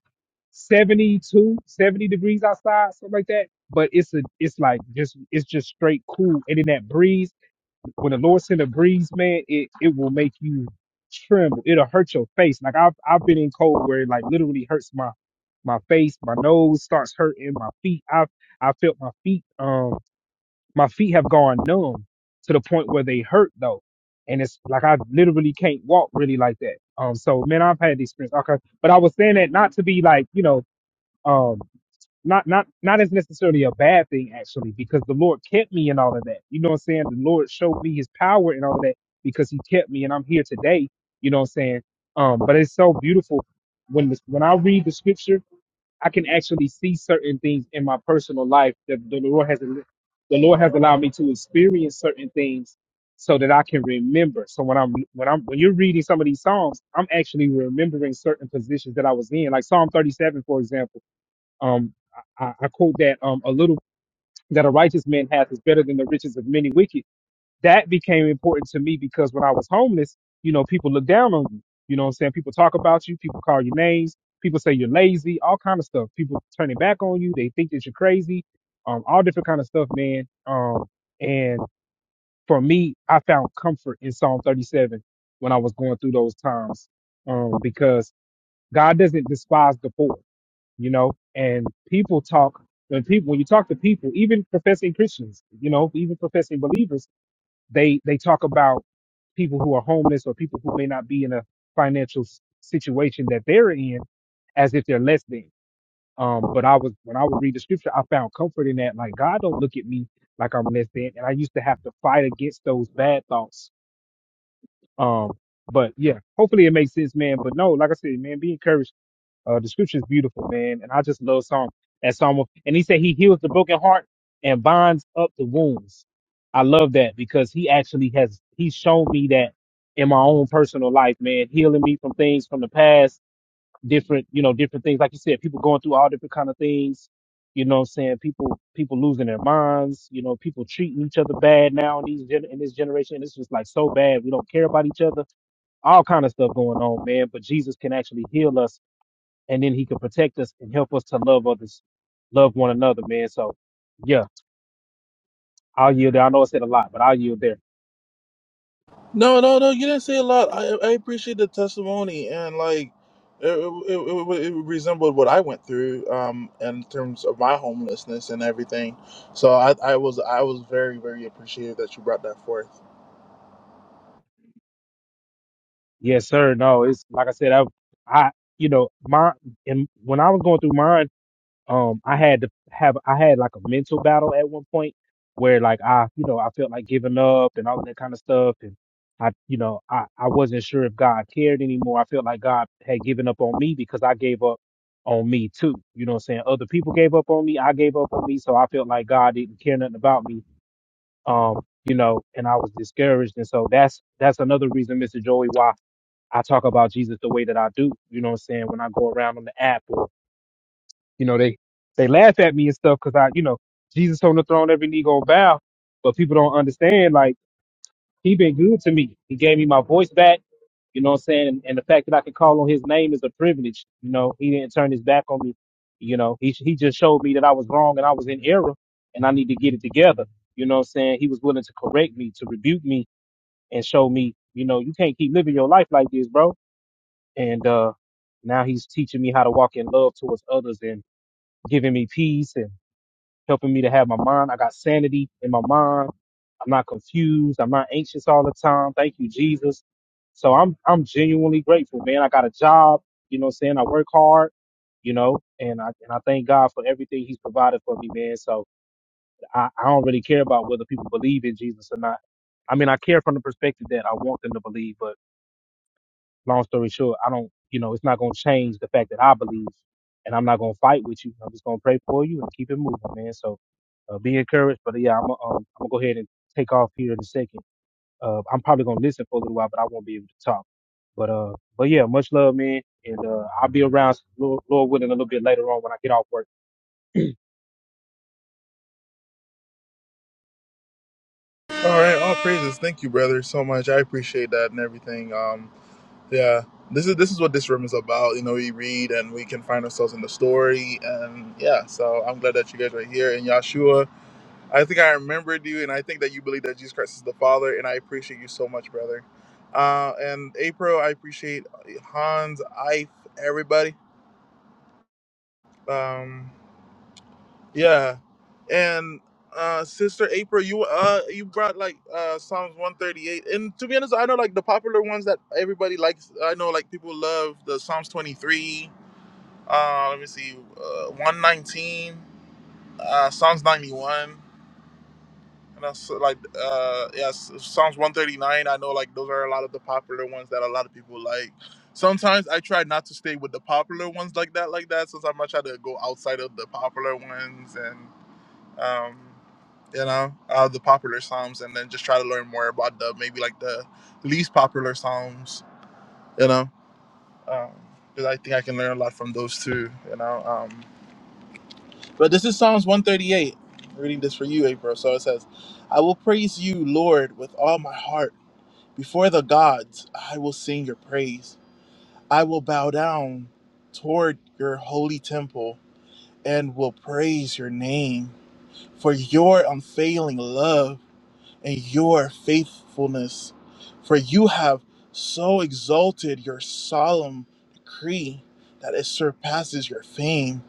S2: 72, 70 degrees outside, something like that. But it's a, it's like just, it's just straight cool. And in that breeze, when the Lord send a breeze, man, it, it will make you tremble. It'll hurt your face. Like I've, I've been in cold where it like literally hurts my, my face, my nose starts hurting, my feet. I've, I felt my feet. Um. My feet have gone numb to the point where they hurt though. And it's like I literally can't walk really like that. Um so man, I've had the experience. Okay. But I was saying that not to be like, you know, um not not not as necessarily a bad thing actually, because the Lord kept me and all of that. You know what I'm saying? The Lord showed me his power and all of that because he kept me and I'm here today. You know what I'm saying? Um, but it's so beautiful when this, when I read the scripture I can actually see certain things in my personal life that the Lord has the Lord has allowed me to experience certain things so that I can remember. So when I'm when I'm when you're reading some of these psalms, I'm actually remembering certain positions that I was in. Like Psalm 37, for example. Um I, I I quote that um a little that a righteous man hath is better than the riches of many wicked that became important to me because when I was homeless, you know, people look down on you. You know what I'm saying? People talk about you, people call you names, people say you're lazy, all kind of stuff. People turn it back on you, they think that you're crazy, um, all different kind of stuff, man. Um, and for me, I found comfort in Psalm 37 when I was going through those times. Um, because God doesn't despise the poor, you know, and people talk when people when you talk to people, even professing Christians, you know, even professing believers they they talk about people who are homeless or people who may not be in a financial s- situation that they're in as if they're less than. Um, but I was when I would read the scripture, I found comfort in that. Like God don't look at me like I'm less than, and I used to have to fight against those bad thoughts. Um, but yeah, hopefully it makes sense, man. But no, like I said, man, be encouraged. Uh, the scripture is beautiful, man, and I just love Psalm that Psalm. And he said he heals the broken heart and binds up the wounds. I love that because he actually has he's shown me that in my own personal life, man, healing me from things from the past, different you know different things. Like you said, people going through all different kind of things. You know, what I'm saying people people losing their minds. You know, people treating each other bad now in these gen- in this generation. It's just like so bad. We don't care about each other all kind of stuff going on, man. But Jesus can actually heal us and then he can protect us and help us to love others, love one another, man. So, yeah, I'll yield there. I know I said a lot, but I'll yield there.
S1: No, no, no. You didn't say a lot. I, I appreciate the testimony, and like, it, it, it, it resembled what I went through, um, in terms of my homelessness and everything. So I, I was, I was very, very appreciative that you brought that forth.
S2: Yes, sir. No, it's like I said, I, I, you know, my, and when I was going through mine. um I had to have I had like a mental battle at one point where like I you know I felt like giving up and all that kind of stuff and I you know I I wasn't sure if God cared anymore. I felt like God had given up on me because I gave up on me too. You know what I'm saying? Other people gave up on me, I gave up on me, so I felt like God didn't care nothing about me. Um, you know, and I was discouraged and so that's that's another reason Mr. Joey why I talk about Jesus the way that I do, you know what I'm saying, when I go around on the app you know, they they laugh at me and stuff because I, you know, Jesus on the throne, every knee gonna bow. But people don't understand. Like he been good to me. He gave me my voice back. You know what I'm saying? And, and the fact that I can call on his name is a privilege. You know, he didn't turn his back on me. You know, he he just showed me that I was wrong and I was in error and I need to get it together. You know what I'm saying? He was willing to correct me, to rebuke me and show me, you know, you can't keep living your life like this, bro. And uh now he's teaching me how to walk in love towards others and giving me peace and helping me to have my mind. I got sanity in my mind. I'm not confused. I'm not anxious all the time. Thank you, Jesus. So I'm I'm genuinely grateful, man. I got a job, you know what I'm saying? I work hard, you know, and I and I thank God for everything he's provided for me, man. So I, I don't really care about whether people believe in Jesus or not. I mean, I care from the perspective that I want them to believe, but long story short, I don't, you know, it's not going to change the fact that I believe and I'm not going to fight with you. I'm just going to pray for you and keep it moving, man. So uh, be encouraged. But yeah, I'm, um, I'm going to go ahead and take off here in a second. Uh, I'm probably going to listen for a little while, but I won't be able to talk. But, uh, but yeah, much love, man. And, uh, I'll be around Lord, Lord willing a little bit later on when I get off work
S1: All right, all praises. Thank you, brother, so much. I appreciate that and everything. Um, yeah, this is this is what this room is about. You know, we read and we can find ourselves in the story, and yeah. So I'm glad that you guys are here. And Yahshua. I think I remembered you, and I think that you believe that Jesus Christ is the Father, and I appreciate you so much, brother. Uh, and April, I appreciate Hans, Ife, everybody. Um, yeah, and uh, sister April, you uh you brought like uh Psalms one thirty eight, and to be honest, I know like the popular ones that everybody likes. I know like people love the Psalms twenty three. Uh, let me see, uh, one nineteen, uh, Psalms ninety one. And that's uh, like, uh, yes, Psalms 139. I know, like, those are a lot of the popular ones that a lot of people like. Sometimes I try not to stay with the popular ones like that, like that. Sometimes I try to go outside of the popular ones and, um, you know, uh, the popular Psalms and then just try to learn more about the maybe like the least popular Psalms, you know, because I think I can learn a lot from those too, you know. Um, but this is Psalms 138. I'm reading this for you, April. So it says, I will praise you, Lord, with all my heart. Before the gods, I will sing your praise. I will bow down toward your holy temple and will praise your name for your unfailing love and your faithfulness. For you have so exalted your solemn decree that it surpasses your fame.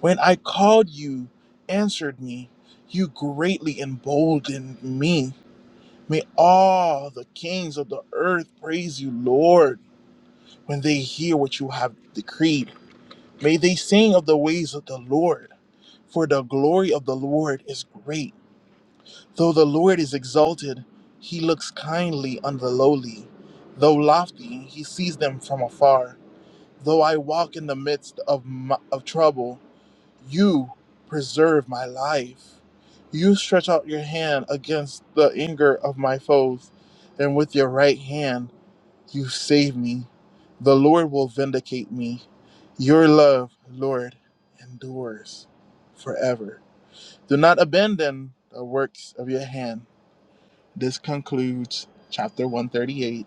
S1: When I called you, answered me, you greatly emboldened me. May all the kings of the earth praise you, Lord, when they hear what you have decreed. May they sing of the ways of the Lord, for the glory of the Lord is great. Though the Lord is exalted, he looks kindly on the lowly. Though lofty, he sees them from afar. Though I walk in the midst of, my, of trouble, you preserve my life. You stretch out your hand against the anger of my foes, and with your right hand you save me. The Lord will vindicate me. Your love, Lord, endures forever. Do not abandon the works of your hand. This concludes chapter 138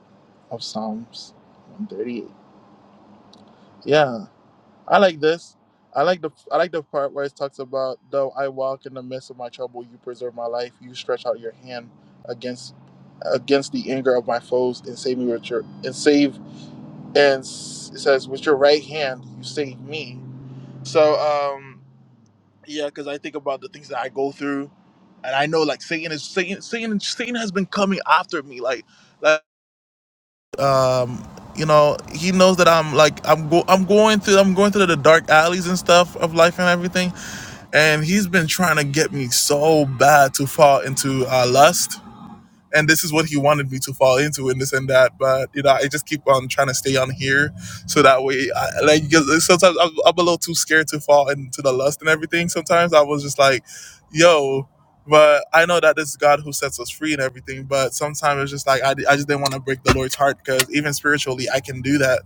S1: of Psalms 138. Yeah. I like this. I like the I like the part where it talks about though I walk in the midst of my trouble, you preserve my life. You stretch out your hand against against the anger of my foes and save me with your and save and s- it says with your right hand you save me. So um yeah, because I think about the things that I go through, and I know like Satan is Satan Satan Satan has been coming after me like. like um you know he knows that i'm like i'm go i'm going through i'm going through the dark alleys and stuff of life and everything and he's been trying to get me so bad to fall into uh lust and this is what he wanted me to fall into and this and that but you know i just keep on trying to stay on here so that way I, like 'cause sometimes I'm, I'm a little too scared to fall into the lust and everything sometimes i was just like yo but i know that this is god who sets us free and everything but sometimes it's just like i, I just didn't want to break the lord's heart because even spiritually i can do that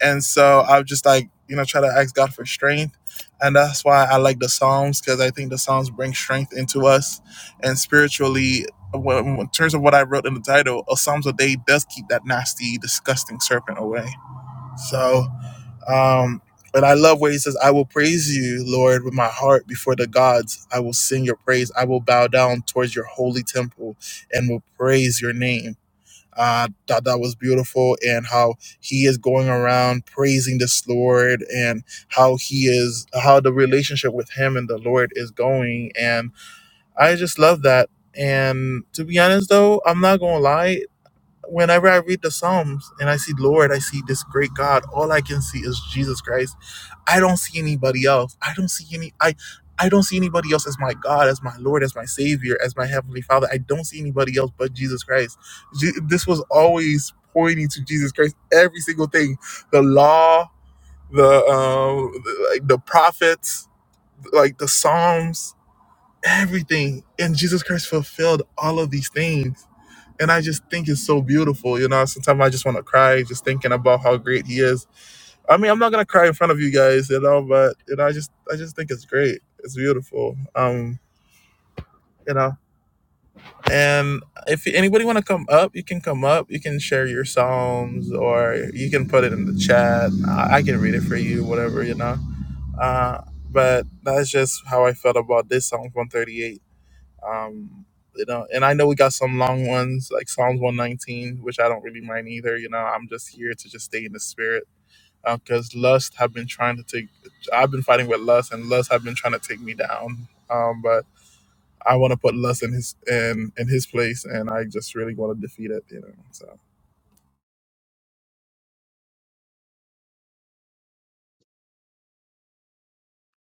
S1: and so I've just like, you know, try to ask God for strength. And that's why I like the Psalms because I think the Psalms bring strength into us. And spiritually, when- in terms of what I wrote in the title, a Psalms a day does keep that nasty, disgusting serpent away. So, um, but I love where he says, I will praise you, Lord, with my heart before the gods. I will sing your praise. I will bow down towards your holy temple and will praise your name. I uh, thought that was beautiful, and how he is going around praising this Lord, and how he is how the relationship with him and the Lord is going, and I just love that. And to be honest, though, I'm not gonna lie whenever I read the Psalms and I see Lord, I see this great God, all I can see is Jesus Christ. I don't see anybody else. I don't see any I I don't see anybody else as my God, as my Lord, as my Savior, as my Heavenly Father. I don't see anybody else but Jesus Christ. Je- this was always pointing to Jesus Christ. Every single thing, the law, the um, like the prophets, like the Psalms, everything. And Jesus Christ fulfilled all of these things. And I just think it's so beautiful. You know, sometimes I just want to cry just thinking about how great he is. I mean, I'm not gonna cry in front of you guys, you know, but you know, I just I just think it's great. It's beautiful. Um, you know. And if anybody wanna come up, you can come up. You can share your psalms or you can put it in the chat. I, I can read it for you, whatever, you know. Uh but that's just how I felt about this Psalm 138 um, you know, and I know we got some long ones like Psalms 119, which I don't really mind either. You know, I'm just here to just stay in the spirit because lust have been trying to take. I've been fighting with lust, and lust have been trying to take me down. Um, but I want to put lust in his in in his place, and I just really want to defeat it. You know, so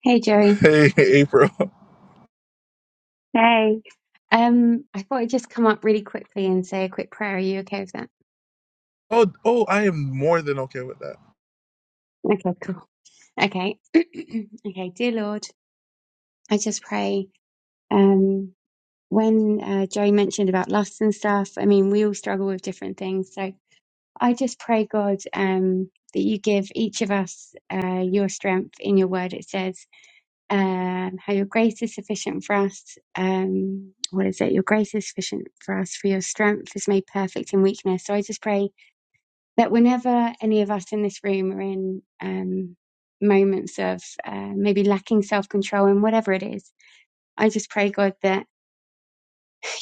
S3: Hey,
S1: (laughs)
S3: Joey.
S1: hey, April.
S3: Hey. Um, I thought I'd just come up really quickly and say a quick prayer. Are you okay with that?
S1: Oh, oh, I am more than okay with that.
S3: Okay, cool. Okay. (clears throat) okay, dear Lord, I just pray. Um, when uh, Joey mentioned about lust and stuff, I mean, we all struggle with different things. So I just pray, God, um, that you give each of us uh, your strength in your word. It says. and how your grace is sufficient for us. Um, what is it? Your grace is sufficient for us, for your strength is made perfect in weakness. So I just pray that whenever any of us in this room are in um, moments of uh, maybe lacking self control and whatever it is, I just pray, God, that,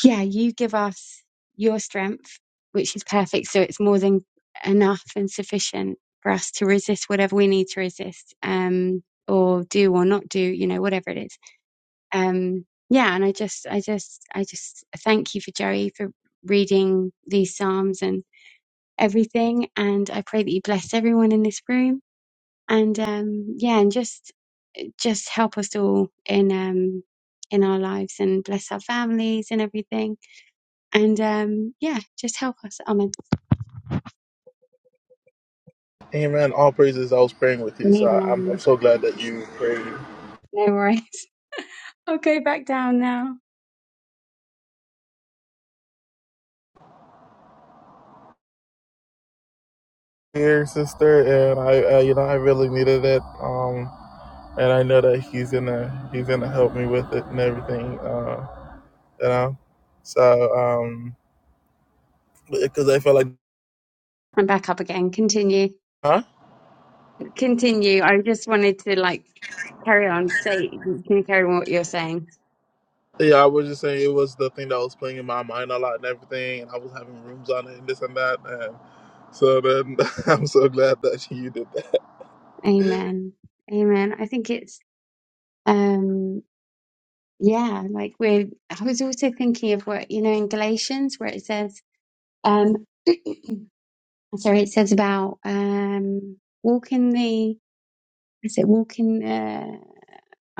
S3: yeah, you give us your strength, which is perfect. So it's more than enough and sufficient for us to resist whatever we need to resist um, or do or not do, you know, whatever it is um yeah and i just i just i just thank you for joey for reading these psalms and everything and i pray that you bless everyone in this room and um yeah and just just help us all in um in our lives and bless our families and everything and um yeah just help us amen
S1: Amen. All praises. I was praying with you, so I- I'm
S3: Amen.
S1: I'm so glad that you prayed.
S3: no worries (laughs) i'll go back down now
S1: here, sister, and I, uh, you know, I really needed it. Um, and I know that he's gonna, he's gonna help me with it and everything. Uh, you know, so um, because I felt like,
S3: I'm back up again continue
S1: huh?
S3: continue i just wanted to like carry on say can you carry on what you're saying
S1: Yeah, I was just saying it was the thing that was playing in my mind a lot and everything, and I was having rooms on it and this and that, and so then (laughs) I'm so glad that you did that.
S3: Amen. Amen. I think it's um yeah, like we're I was also thinking of what you know in Galatians where it says um (clears throat) sorry, it says about um walk in the is it walk in uh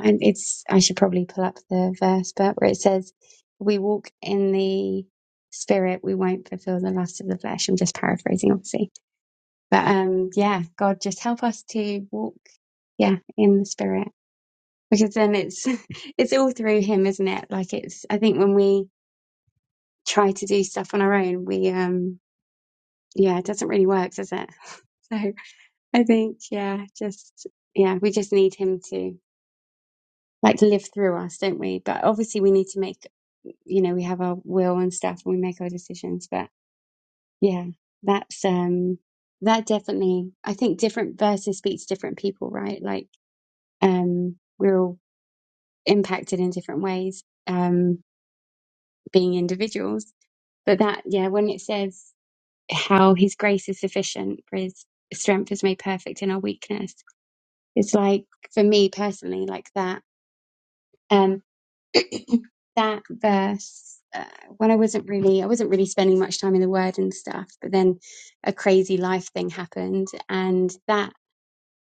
S3: and it's I should probably pull up the verse, but where it says we walk in the spirit, we won't fulfill the lust of the flesh. I'm just paraphrasing obviously. But um yeah, God just help us to walk yeah in the spirit because then it's (laughs) it's all through him isn't it like it's i think when we try to do stuff on our own we um yeah it doesn't really work does it (laughs) so i think yeah just yeah we just need him to like live through us don't we but obviously we need to make you know we have our will and stuff and we make our decisions but yeah that's um that definitely i think different verses speak to different people right like um we're all impacted in different ways um being individuals But that, yeah, when it says how his grace is sufficient for his strength is made perfect in our weakness, it's like, for me personally, like that, um, (clears throat) that verse, uh, when I wasn't really, I wasn't really spending much time in the word and stuff, but then a crazy life thing happened and that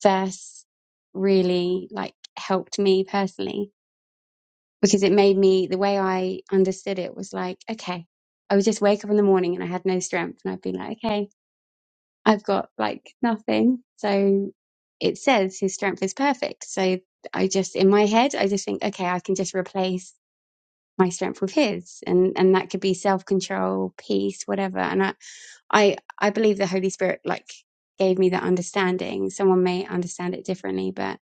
S3: verse really like helped me personally because it made me, the way I understood it was like, okay, I would just wake up in the morning and I had no strength and I'd be like, okay, I've got like nothing. So it says his strength is perfect. So I just, in my head, I just think, okay, I can just replace my strength with his and and that could be self-control peace whatever and I, I i believe the holy spirit like gave me that understanding someone may understand it differently but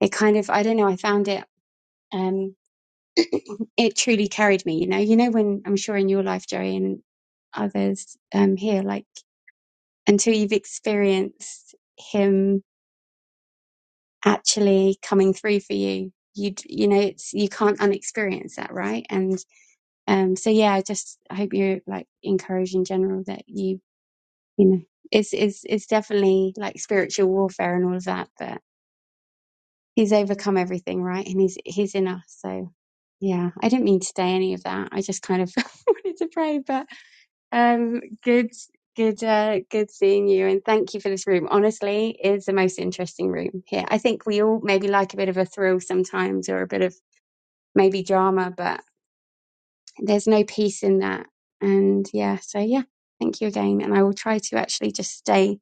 S3: it kind of i don't know i found it um (clears throat) it truly carried me you know you know when i'm sure in your life joey and others um here like until you've experienced him actually coming through for you you d- you know it's you can't unexperience that right and um so yeah i just i hope you're like encouraged in general that you you know it's it's it's definitely like spiritual warfare and all of that but he's overcome everything right and he's he's in us so yeah i didn't mean to say any of that i just kind of (laughs) wanted to pray but um, good, good, uh, good seeing you, and thank you for this room. Honestly, it's the most interesting room here. I think we all maybe like a bit of a thrill sometimes, or a bit of maybe drama, but there's no peace in that. And yeah, so yeah, thank you again, and I will try to actually just stay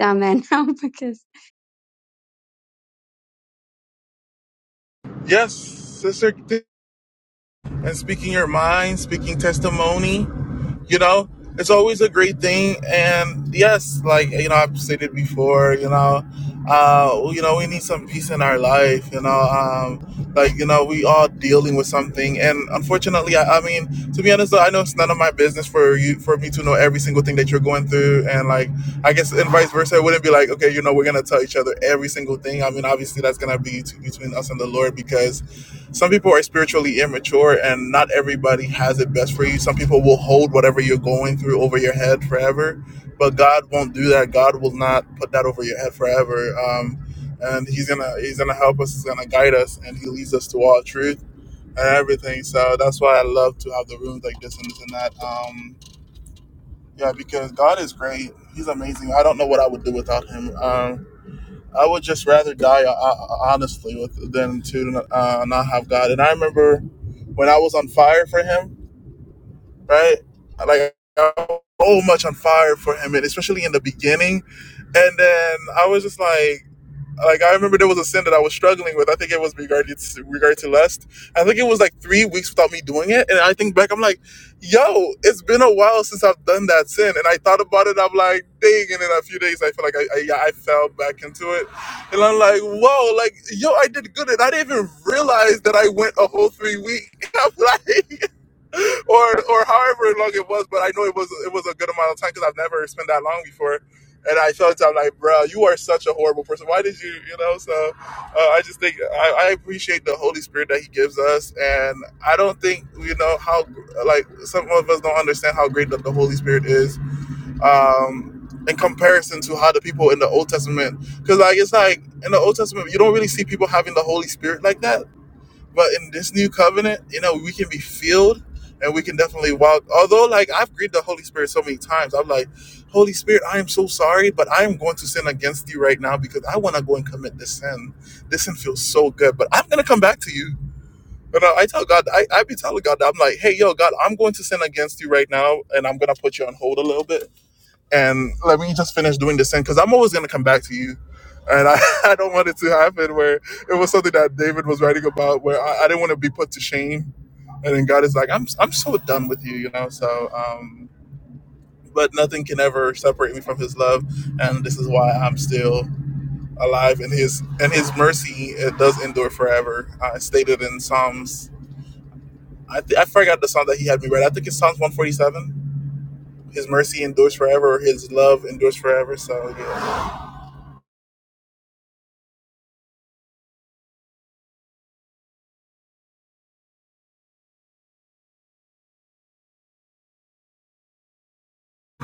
S3: down there (laughs) now because
S1: Yes, sister. and speaking your mind, speaking testimony, you know, it's always a great thing. And yes, like, you know, I've stated before, you know, uh, you know, we need some peace in our life, you know, um, like, you know, we all dealing with something. And unfortunately, I, I mean, to be honest, though, I know it's none of my business for you, for me to know every single thing that you're going through. And like, I guess, and vice versa, it wouldn't be like, okay, you know, we're going to tell each other every single thing. I mean, obviously that's going to be t- between us and the Lord because some people are spiritually immature and not everybody has it best for you some people will hold whatever you're going through over your head forever but god won't do that god will not put that over your head forever um, and he's gonna he's gonna help us he's gonna guide us and he leads us to all truth and everything so that's why i love to have the rooms like this and this and that um, yeah because god is great he's amazing i don't know what i would do without him um, I would just rather die uh, uh, honestly with than to uh, not have God. And I remember when I was on fire for Him, right? Like I was so much on fire for Him, and especially in the beginning. And then I was just like like I remember there was a sin that I was struggling with. I think it was regarding to, regard to lust. I think it was like three weeks without me doing it, and I think back, I'm like, yo, it's been a while since I've done that sin, and I thought about it. I'm like, dang, and in a few days, I feel like I I, yeah, I fell back into it, and I'm like, whoa, like yo, I did good, and I didn't even realize that I went a whole three weeks. (laughs) I'm like or or however long it was. But I know it was it was a good amount of time because I've never spent that long before. And I felt I'm like, bro, you are such a horrible person. Why did you, you know? So uh, I just think I, I appreciate the Holy Spirit that He gives us, and I don't think you know how like some of us don't understand how great that the Holy Spirit is um, in comparison to how the people in the Old Testament. Because like it's like in the Old Testament, you don't really see people having the Holy Spirit like that but in this new covenant, you know, we can be filled and we can definitely walk. Although, like, I've grieved the Holy Spirit so many times. I'm like, Holy Spirit, I am so sorry, but I am going to sin against you right now because I want to go and commit this sin. This sin feels so good, but I'm going to come back to you. And I, I tell God, I, I be telling God, that I'm like, hey, yo, God, I'm going to sin against you right now and I'm going to put you on hold a little bit and let me just finish doing this thing because I'm always going to come back to you. And I, (laughs) I don't want it to happen where it was something that David was writing about where I, I didn't want to be put to shame. And then God is like, I'm, I'm so done with you, you know? So, um, but nothing can ever separate me from his love. And this is why I'm still alive in his, and his mercy, it does endure forever. Uh, stated in Psalms, I, th- I forgot the Psalm that he had me read. I think it's Psalms 147. His mercy endures forever. His love endures forever. So yeah.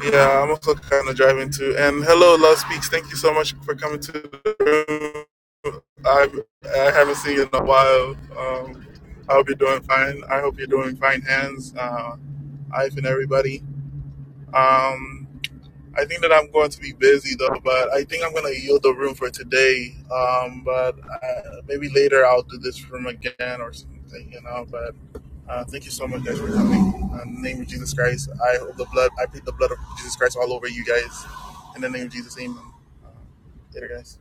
S1: Yeah, I'm also kind of driving too. And hello, Love Speaks. Thank you so much for coming to the room. I I haven't seen you in a while. Um, I hope you're doing fine. I hope you're doing fine, hands, uh, Ife, and everybody. Um, I think that I'm going to be busy though, but I think I'm going to yield the room for today. Um, but uh, maybe later I'll do this room again or something, you know. But uh, thank you so much, guys, for coming. In the name of Jesus Christ, I hope the blood, I plead the blood of Jesus Christ all over you guys. In the name of Jesus, amen. Later, guys.